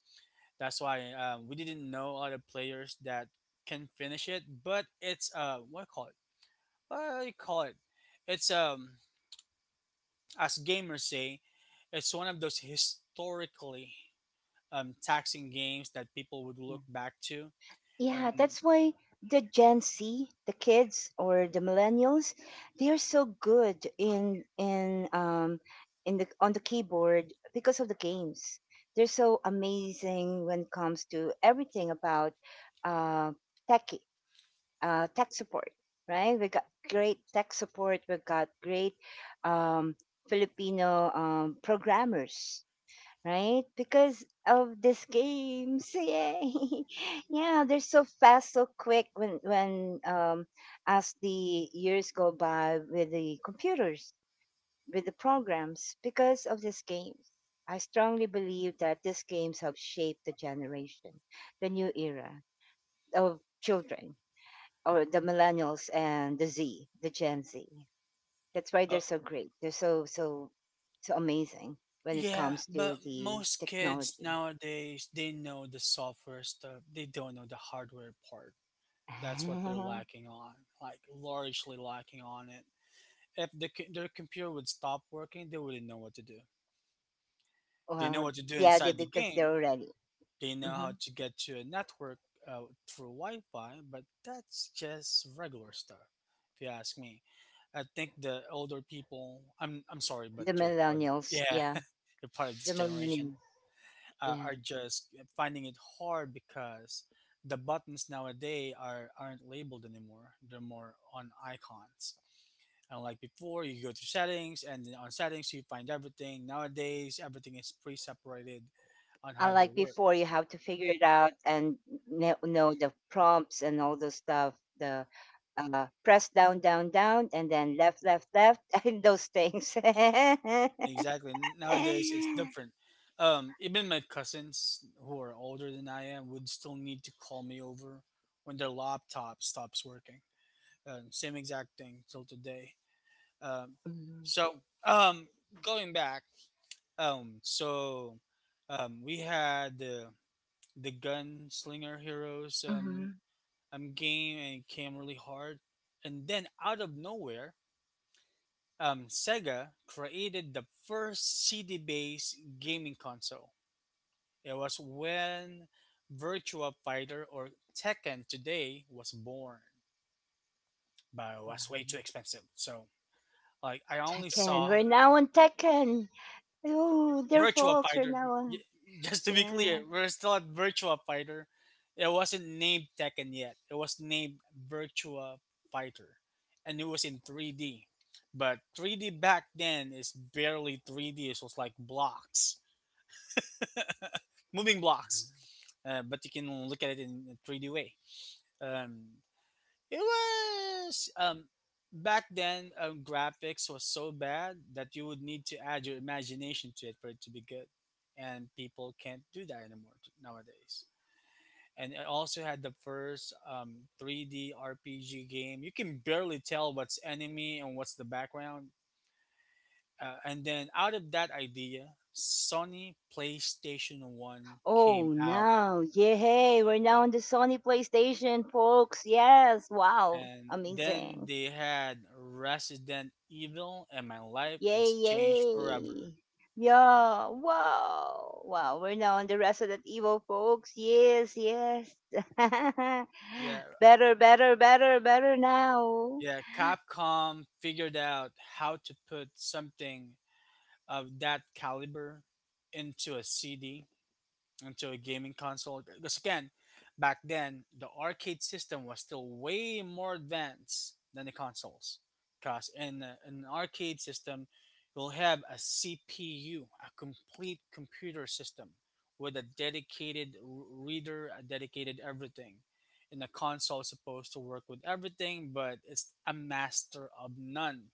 S2: That's why um, we didn't know other players that can finish it. But it's uh, what do you call it? What do you call it? It's um as gamers say, it's one of those historically um, taxing games that people would look
S1: Wow.
S2: back to.
S1: Yeah,
S2: And
S1: that's why the Gen Z, the kids or the millennials, they are so good in in, um in the, on the keyboard because of the games. They're so amazing when it comes to everything about uh tech, uh tech support, right? We got great tech support, we've got great um Filipino um programmers, right? Because of these games, yay! Yeah, they're so fast, so quick. When when, um, as the years go by with the computers, with the programs, because of these games, I strongly believe that these games have shaped the generation, the new era of children, or the millennials and the Z, the Gen Z. That's why
S2: uh,
S1: they're so great. They're so, so, so amazing when it
S2: yeah,
S1: comes
S2: but
S1: to the
S2: most kids
S1: technology.
S2: nowadays, they know the software stuff, they don't know the hardware part. That's what they're lacking on, like largely lacking on it. If the, co- their computer would stop working, they wouldn't know what to do. They know
S1: Well,
S2: what to do
S1: yeah, they,
S2: inside the
S1: because they're
S2: game.
S1: already,
S2: They know how
S1: hmm,
S2: to get to a network uh, through Wi Fi, but that's just regular stuff, if you ask me. I think the older people, I'm, I'm sorry, but
S1: the
S2: you're part of,
S1: millennials.
S2: yeah,
S1: Yeah,
S2: you're part of
S1: the
S2: this generation,
S1: millennials.
S2: uh,
S1: Yeah,
S2: are just finding it hard because the buttons nowadays are, aren't labeled anymore. They're more on icons. Unlike before, you go to settings, and then on settings, you find everything. Nowadays, everything is pre separated on how they
S1: unlike
S2: work.
S1: before, you have to figure it out and kn- know the prompts and all the stuff. The, uh, press down, down, down, and then left, left, left, and those things.
S2: Exactly. Nowadays, it's different. Um, even my cousins who are older than I am would still need to call me over when their laptop stops working. Um, same exact thing till today. Um, so, um, Going back, um, so um, we had the the gunslinger heroes um,
S1: Mhm,
S2: um, game and it came really hard. And then out of nowhere, um, Sega created the first C D based gaming console. It was when Virtua Fighter or Tekken Today was born, but it was way
S1: mhm.
S2: too expensive. So like I only
S1: Tekken.
S2: saw
S1: We're now on Tekken. Oh, dear
S2: Virtua
S1: folks, we're
S2: Fighter.
S1: now
S2: Y-
S1: on.
S2: Just to be
S1: Yeah.
S2: clear, we're still at Virtua Fighter. It wasn't named Tekken yet. It was named Virtua Fighter, and it was in three D. But three D back then is barely three D. It was like blocks, moving blocks. Uh, but you can look at it in a three D way. Um, It was um back then, um, graphics was so bad that you would need to add your imagination to it for it to be good, and people can't do that anymore t- nowadays. And it also had the first um, three D R P G game. You can barely tell what's enemy and what's the background. Uh, and then out of that idea, Sony PlayStation one
S1: Oh
S2: came out.
S1: no. Yay, we're now on the Sony PlayStation, folks. Yes. Wow.
S2: And then
S1: Amazing.
S2: they had Resident Evil, and my life
S1: Yay,
S2: was changed forever.
S1: yay. Yeah. Wow. Wow. We're now on the Resident Evil, folks. Yes, yes.
S2: Yeah,
S1: Better, better, better, better now.
S2: yeah. Capcom figured out how to put something of that caliber into a C D, into a gaming console. Because again, back then the arcade system was still way more advanced than the consoles. Because in, a- in an arcade system, you'll have a C P U, a complete computer system with a dedicated r- reader, a dedicated everything. And the console is supposed to work with everything, but it's a master of none.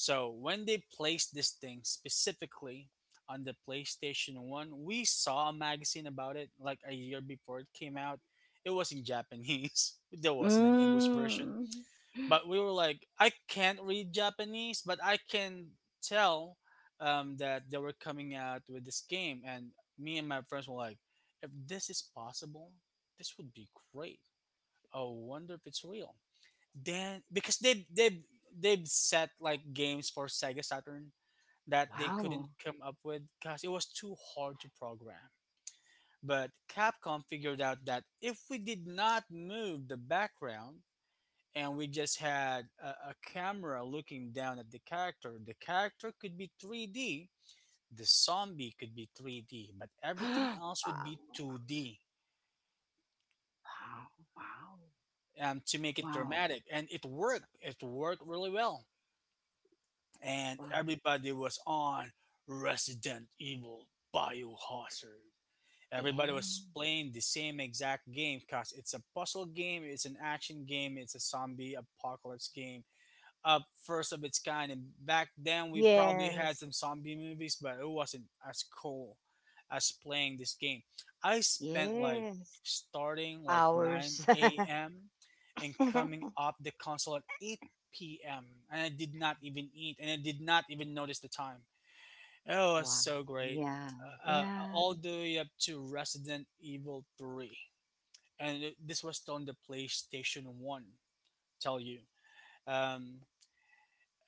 S2: So when they placed this thing specifically on the PlayStation one, we saw a magazine about it like a year before it came out. It was in Japanese. There wasn't an English version.
S1: Mm.
S2: But we were like, I can't read Japanese, but I can tell um, that they were coming out with this game. And me and my friends were like, if this is possible, this would be great. I wonder if it's real. Then because they they they've set like games for Sega Saturn that they couldn't
S1: Wow.
S2: come up with because it was too hard to program. But Capcom figured out that if we did not move the background and we just had a, a camera looking down at the character, the character could be three D, the zombie could be three D, but everything
S1: wow.
S2: else would be two D,
S1: Wow. Wow.
S2: um, to make it
S1: Wow.
S2: dramatic. And it worked. It worked really well. And
S1: Wow.
S2: everybody was on Resident Evil Biohazard. Everybody was
S1: Yeah.
S2: playing the same exact game because it's a puzzle game, it's an action game, it's a zombie apocalypse game, uh, first of its kind. And back then, we probably had
S1: Yes.
S2: some zombie movies, but it wasn't as cool as playing this game. I spent like
S1: Yes.
S2: starting like
S1: Hours.
S2: 9 a.m. and coming up the console at eight p m and I did not even eat and I did not even notice the time. It was
S1: wow.
S2: so great.
S1: Yeah.
S2: Uh, uh,
S1: Yeah.
S2: all the way up to Resident Evil three. And it- this was still on the PlayStation one, tell you. Um,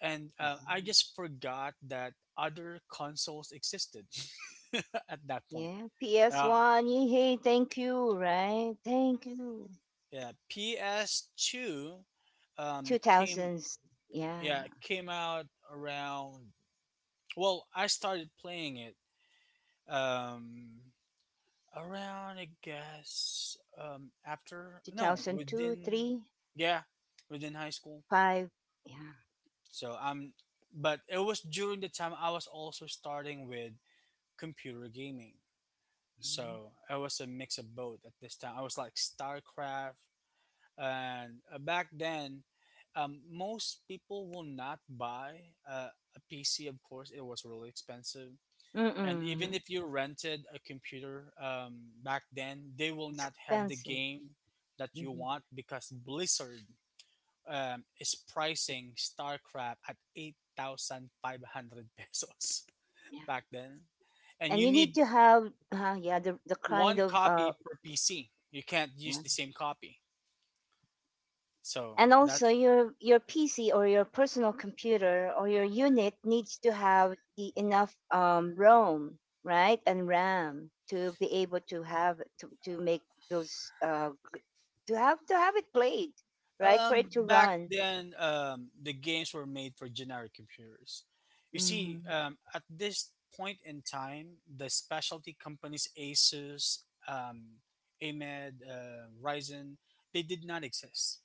S2: and
S1: Yeah.
S2: uh, I just forgot that other consoles existed at that point.
S1: Yeah.
S2: Uh,
S1: P S one. Yay. Thank you. Right. Thank you.
S2: yeah, P S two um, came,
S1: two thousands. Yeah.
S2: yeah, came out around. Well, I started playing it um, around, I guess, um, after,
S1: Two
S2: no,
S1: thousand two,
S2: within,
S1: three,
S2: yeah, within high school.
S1: five.
S2: So I'm, but it was during the time I was also starting with computer gaming.
S1: Yeah.
S2: So I was a mix of both at this time. I was like StarCraft, and uh, back then, um, most people will not buy uh, a P C. Of course, it was really expensive,
S1: Mm,
S2: and even
S1: mm-mm.
S2: if you rented a computer um, back then, they will
S1: It's
S2: not have the
S1: expensive.
S2: game that you
S1: Hmm.
S2: want because Blizzard um, is pricing StarCraft at eight thousand five hundred pesos
S1: Yeah.
S2: back then, and
S1: And
S2: you
S1: you need
S2: need
S1: to have, uh, yeah, the, the kind
S2: one
S1: of, uh,
S2: copy per P C. You can't use the same copy. So
S1: and also
S2: that's.
S1: your your pc or your personal computer or your unit needs to have the enough, um, rom, right, and ram to be able to have to, to make those, uh, to have to have it played, right, for
S2: Um
S1: it to
S2: back
S1: run.
S2: then, um the games were made for generic computers. You see,
S1: Mhm.
S2: um, at this point in time, the specialty companies Asus, um, A M E D, uh, Ryzen, they did not exist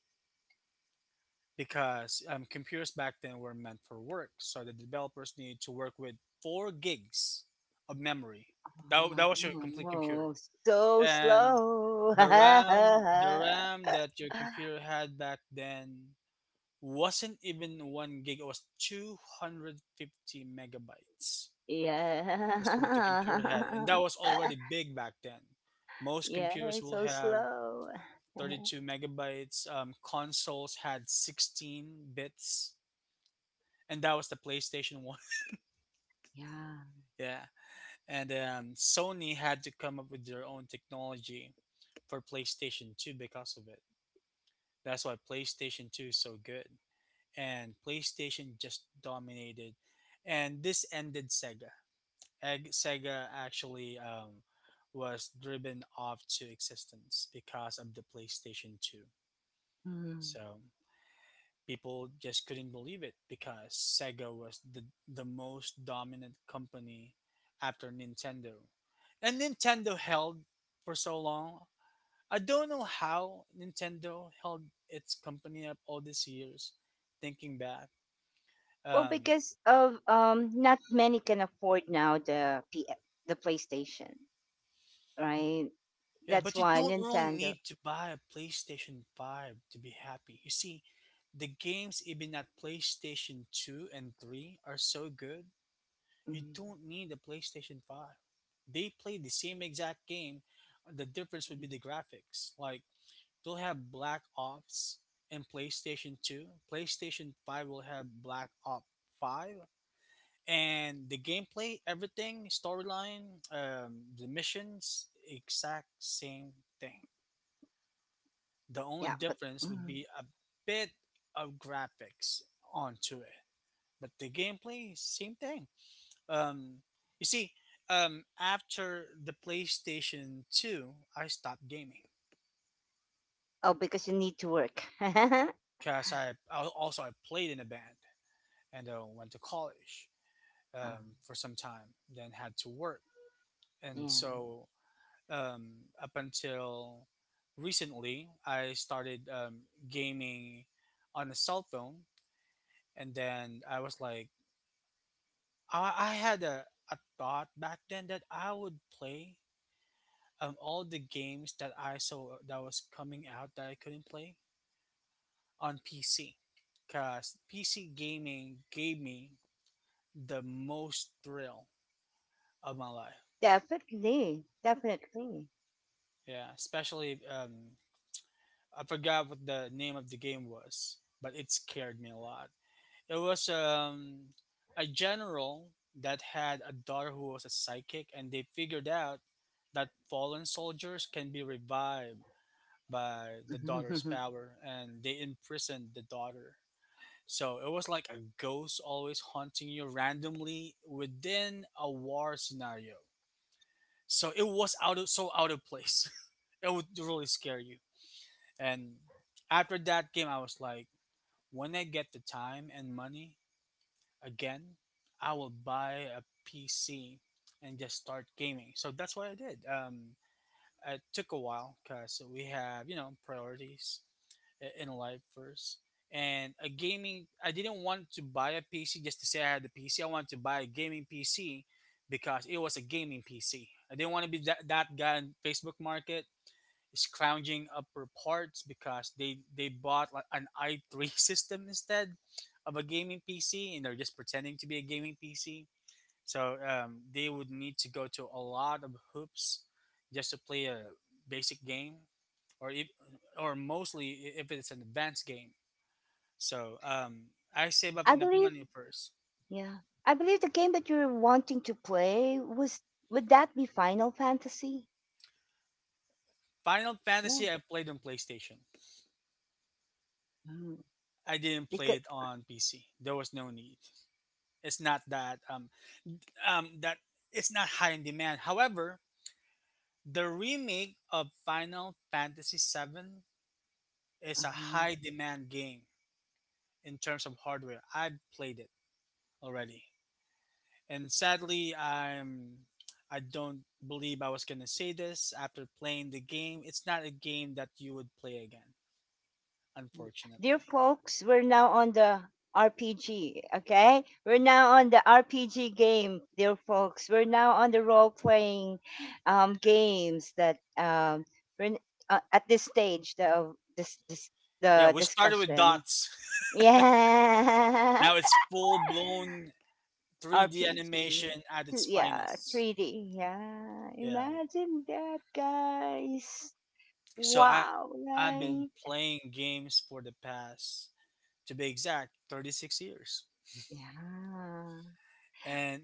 S2: because um, computers back then were meant for work. So the developers needed to work with four gigs of memory. That, that was your complete computer.
S1: Oh, so
S2: And
S1: slow.
S2: the RAM the RAM that your computer had back then wasn't even one gig. It was two hundred fifty megabytes. That's what the
S1: Yeah.
S2: computer had, and that was already big back then. Most computers
S1: Yeah,
S2: will
S1: so
S2: have
S1: slow.
S2: thirty-two megabytes. Um, consoles had sixteen bits, and that was the PlayStation one.
S1: Yeah.
S2: Yeah, and um, Sony had to come up with their own technology for PlayStation Two because of it. That's why PlayStation two is so good. And PlayStation just dominated. And this ended Sega. Eg- Sega actually um, was driven off to existence because of the PlayStation two.
S1: Mm.
S2: So people just couldn't believe it because Sega was the, the most dominant company after Nintendo. And Nintendo held for so long. I don't know how Nintendo held its company up all these years, thinking back.
S1: Well,
S2: Um,
S1: because of, um, not many can afford now the P- the PlayStation, right?
S2: yeah,
S1: That's
S2: but you
S1: why
S2: don't really
S1: Nintendo.
S2: need to buy a PlayStation five to be happy. You see, the games even at two and three are so good, you
S1: Mm,
S2: don't need a PlayStation five. They play the same exact game. The difference would be the graphics. Like, they'll have Black Ops in PlayStation two. PlayStation five will have Black Ops five and the gameplay, everything, storyline, um, the missions, exact same thing. The only
S1: yeah, but
S2: difference would
S1: mm,
S2: be a bit of graphics onto it, but the gameplay, same thing. Um, you see, um, after the PlayStation Two, I stopped gaming
S1: oh, because you need to work.
S2: because I, I also I played in a band and uh, went to college
S1: Ah,
S2: um, for some time, then had to work, and
S1: yeah,
S2: so, um, up until recently, I started um, gaming on a cell phone, and then I was like, I, I had a, a thought back then that I would play um, all the games that I saw that was coming out that I couldn't play on P C, cause P C gaming gave me the most thrill of my life.
S1: definitely, definitely.
S2: Yeah, especially, um, I forgot what the name of the game was, but it scared me a lot. It was um, a general that had a daughter who was a psychic, and they figured out that fallen soldiers can be revived by the daughter's power, and they imprisoned the daughter. So it was like a ghost always haunting you randomly within a war scenario. So it was out of so out of place. It would really scare you. And after that game, I was like, when I get the time and money, again, I will buy a P C and just start gaming. So that's what I did. Um, it took a while because we have, you know, priorities i- in life first. And a gaming, I didn't want to buy a P C just to say I had the P C. I wanted to buy a gaming P C because it was a gaming P C. I didn't want to be that, that guy in Facebook Market scrounging up for parts because they they bought like an i three system instead of a gaming P C, and they're just pretending to be a gaming P C. So um, they would need to go to a lot of hoops just to play a basic game, or if, or mostly i- if it's an advanced game. So um, I save up
S1: I
S2: enough
S1: believe.
S2: money first.
S1: Yeah, I believe the game that you're wanting to play was, would that be Final Fantasy?
S2: Final
S1: Yeah,
S2: Fantasy I played on PlayStation. I didn't play
S1: because.
S2: it on P C. There was no need. It's not that um, um, that it's not high in demand. However, the remake of Final Fantasy Final Fantasy seven is a high
S1: Uh-huh.
S2: demand game in terms of hardware. I've played it already, and sadly, I'm I don't believe I was gonna say this after playing the game. It's not a game that you would play again,
S1: Dear
S2: unfortunately.
S1: folks, we're now on the R P G, okay? We're now on the R P G game, dear folks. We're now on the role playing, um, games that, um, we're n- uh, at this stage of this, this,
S2: Yeah,
S1: the
S2: we started with
S1: discussion.
S2: dots.
S1: Yeah.
S2: Now it's full blown three D
S1: R P G.
S2: animation at
S1: Two-
S2: its
S1: Yeah,
S2: finest.
S1: three D. Yeah,
S2: Yeah,
S1: imagine that, guys.
S2: so I
S1: Wow,
S2: I've been
S1: right?
S2: playing games for the past, to be exact, thirty-six years.
S1: Yeah,
S2: And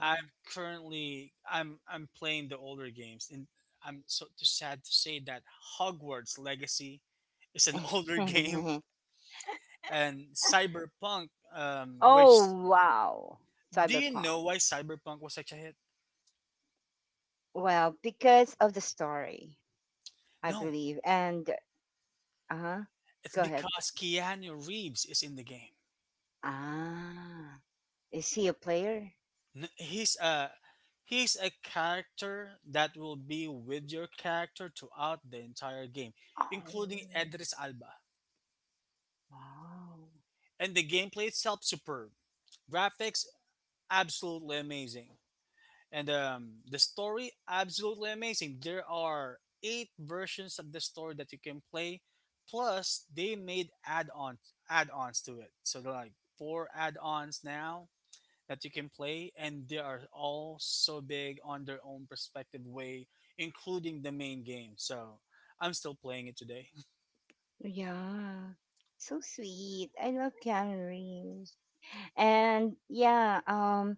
S2: I- I'm currently I'm I'm playing the older games, and I'm so t- sad to say that Hogwarts Legacy is an older game, and Cyberpunk, um, which,
S1: Oh, wow.
S2: do you know
S1: Cyberpunk.
S2: why Cyberpunk was such a hit?
S1: Well, because of the story, I
S2: No,
S1: believe. And, uh-huh.
S2: it's
S1: Go ahead.
S2: because Keanu Reeves is in the game.
S1: Ah, is he a player?
S2: N- he's a he's a character that will be with your character throughout the entire game, including
S1: Oh,
S2: Edris Alba.
S1: wow.
S2: And the gameplay itself superb. Graphics absolutely amazing. And um, the story absolutely amazing. There are eight versions of the story that you can play. Plus, they made add-ons add-ons to it. So there are like four add-ons now that you can play, and they are all so big on their own perspective way, including the main game. So I'm still playing it today.
S1: Yeah. So sweet. I love Keanu Reeves. And yeah, um,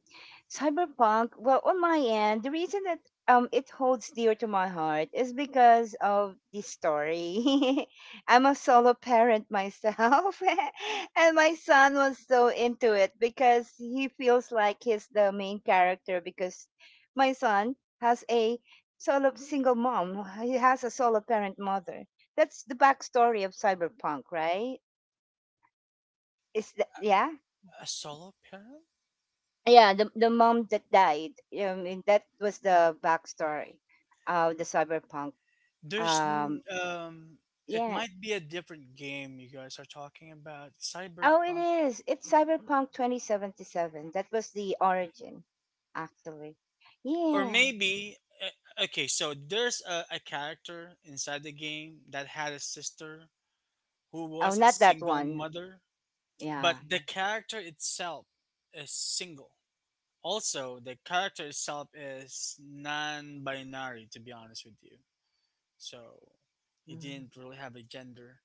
S1: Cyberpunk, well, on my end, the reason that, um, it holds dear to my heart is because of the story. I'm a solo parent myself, and my son was so into it because he feels like he's the main character. Because my son has a solo single mom, he has a solo parent mother. That's the backstory of Cyberpunk, right? Is that, yeah?
S2: A solo parent?
S1: Yeah, the the mom that died. Um, and that was the backstory of the cyberpunk.
S2: There's
S1: Um,
S2: n- um, it
S1: yeah.
S2: might be a different game you guys are talking about,
S1: Oh, it
S2: Cyberpunk,
S1: is. It's cyberpunk twenty seventy seven. That was the origin, actually.
S2: or
S1: Yeah.
S2: maybe uh, okay. So there's a, a character inside the game that had a sister who
S1: Oh,
S2: was a
S1: not that
S2: single
S1: one.
S2: mother, but
S1: Yeah.
S2: the character itself is single. Also, the character itself is non-binary. To be honest with you, so he
S1: Mm.
S2: didn't really have a gender.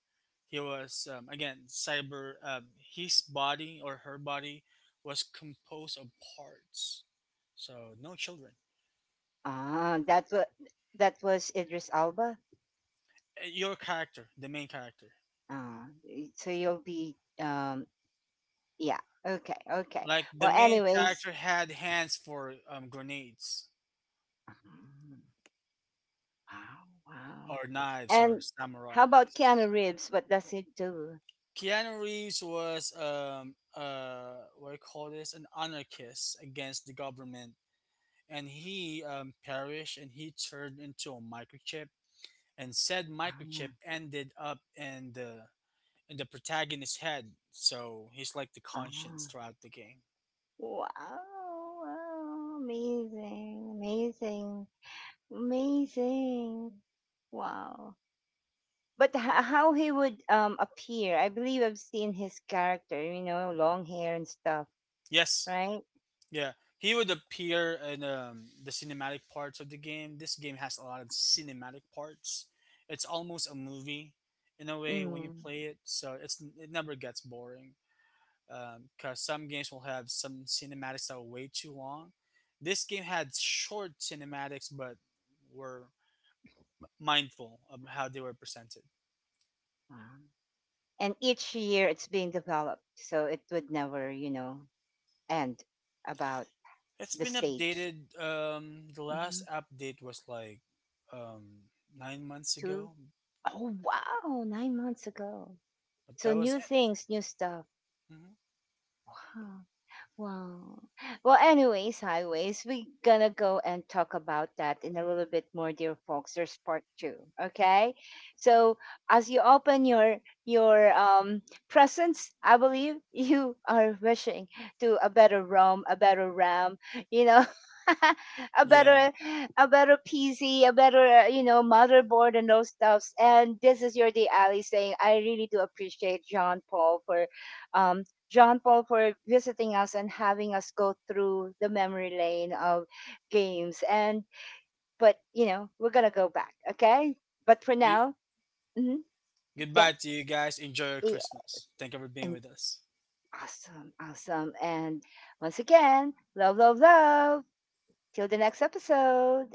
S2: He was um, again cyber. Um, his body or her body was composed of parts. So no children.
S1: Ah, that was, that was Idris Alba.
S2: Uh, Your character, the main character,
S1: Ah, y- so you'll be um. Yeah. Okay. Okay.
S2: like the
S1: Well,
S2: main
S1: anyways.
S2: character had hands for um, grenades
S1: Ah, wow.
S2: or knives or
S1: And how about
S2: samurais.
S1: Keanu Reeves? What does he do?
S2: Keanu Reeves was um uh what do you call this, an anarchist against the government, and he um, perished and he turned into a microchip, and said microchip
S1: Ah,
S2: ended up in the in the protagonist's head, so he's like the conscience
S1: ah.
S2: throughout the game.
S1: Wow, wow, amazing, amazing, amazing. Wow. But h- how he would um appear? I believe I've seen his character, you know, long hair and stuff,
S2: Yes,
S1: right?
S2: yeah, he would appear in um, the cinematic parts of the game. This game has a lot of cinematic parts. It's almost a movie in a way when you
S1: Yeah.
S2: play it, so it's it never gets boring um, because some games will have some cinematics that are way too long. This game had short cinematics, but were mindful of how they were presented.
S1: Wow. And each year it's being developed, so it would never, you know, end about
S2: It's
S1: the
S2: been
S1: stage.
S2: updated. Um, the last
S1: Mm-hmm.
S2: update was like um, nine months ago,
S1: Oh wow, nine months ago.
S2: but that
S1: So
S2: was
S1: new
S2: it.
S1: things, new stuff.
S2: Hmm.
S1: Wow. Wow. Well, anyways, highways, we gonna go and talk about that in a little bit more, dear folks. There's part two. Okay. So as you open your your um presents, I believe you are wishing to a better ROM, a better Ram, you know. A
S2: Yeah.
S1: better, a better P C, a better uh, you know motherboard and those stuffs. And this is your day, Ali, saying I really do appreciate John Paul for, um John Paul for visiting us and having us go through the memory lane of games. And but you know we're gonna go back, okay? But for
S2: You,
S1: now, mhm,
S2: goodbye
S1: yeah,
S2: to you guys. Enjoy your
S1: yes,
S2: Christmas. Thank you for being
S1: and
S2: with us.
S1: awesome, awesome. And once again, love, love, love. Till the next episode.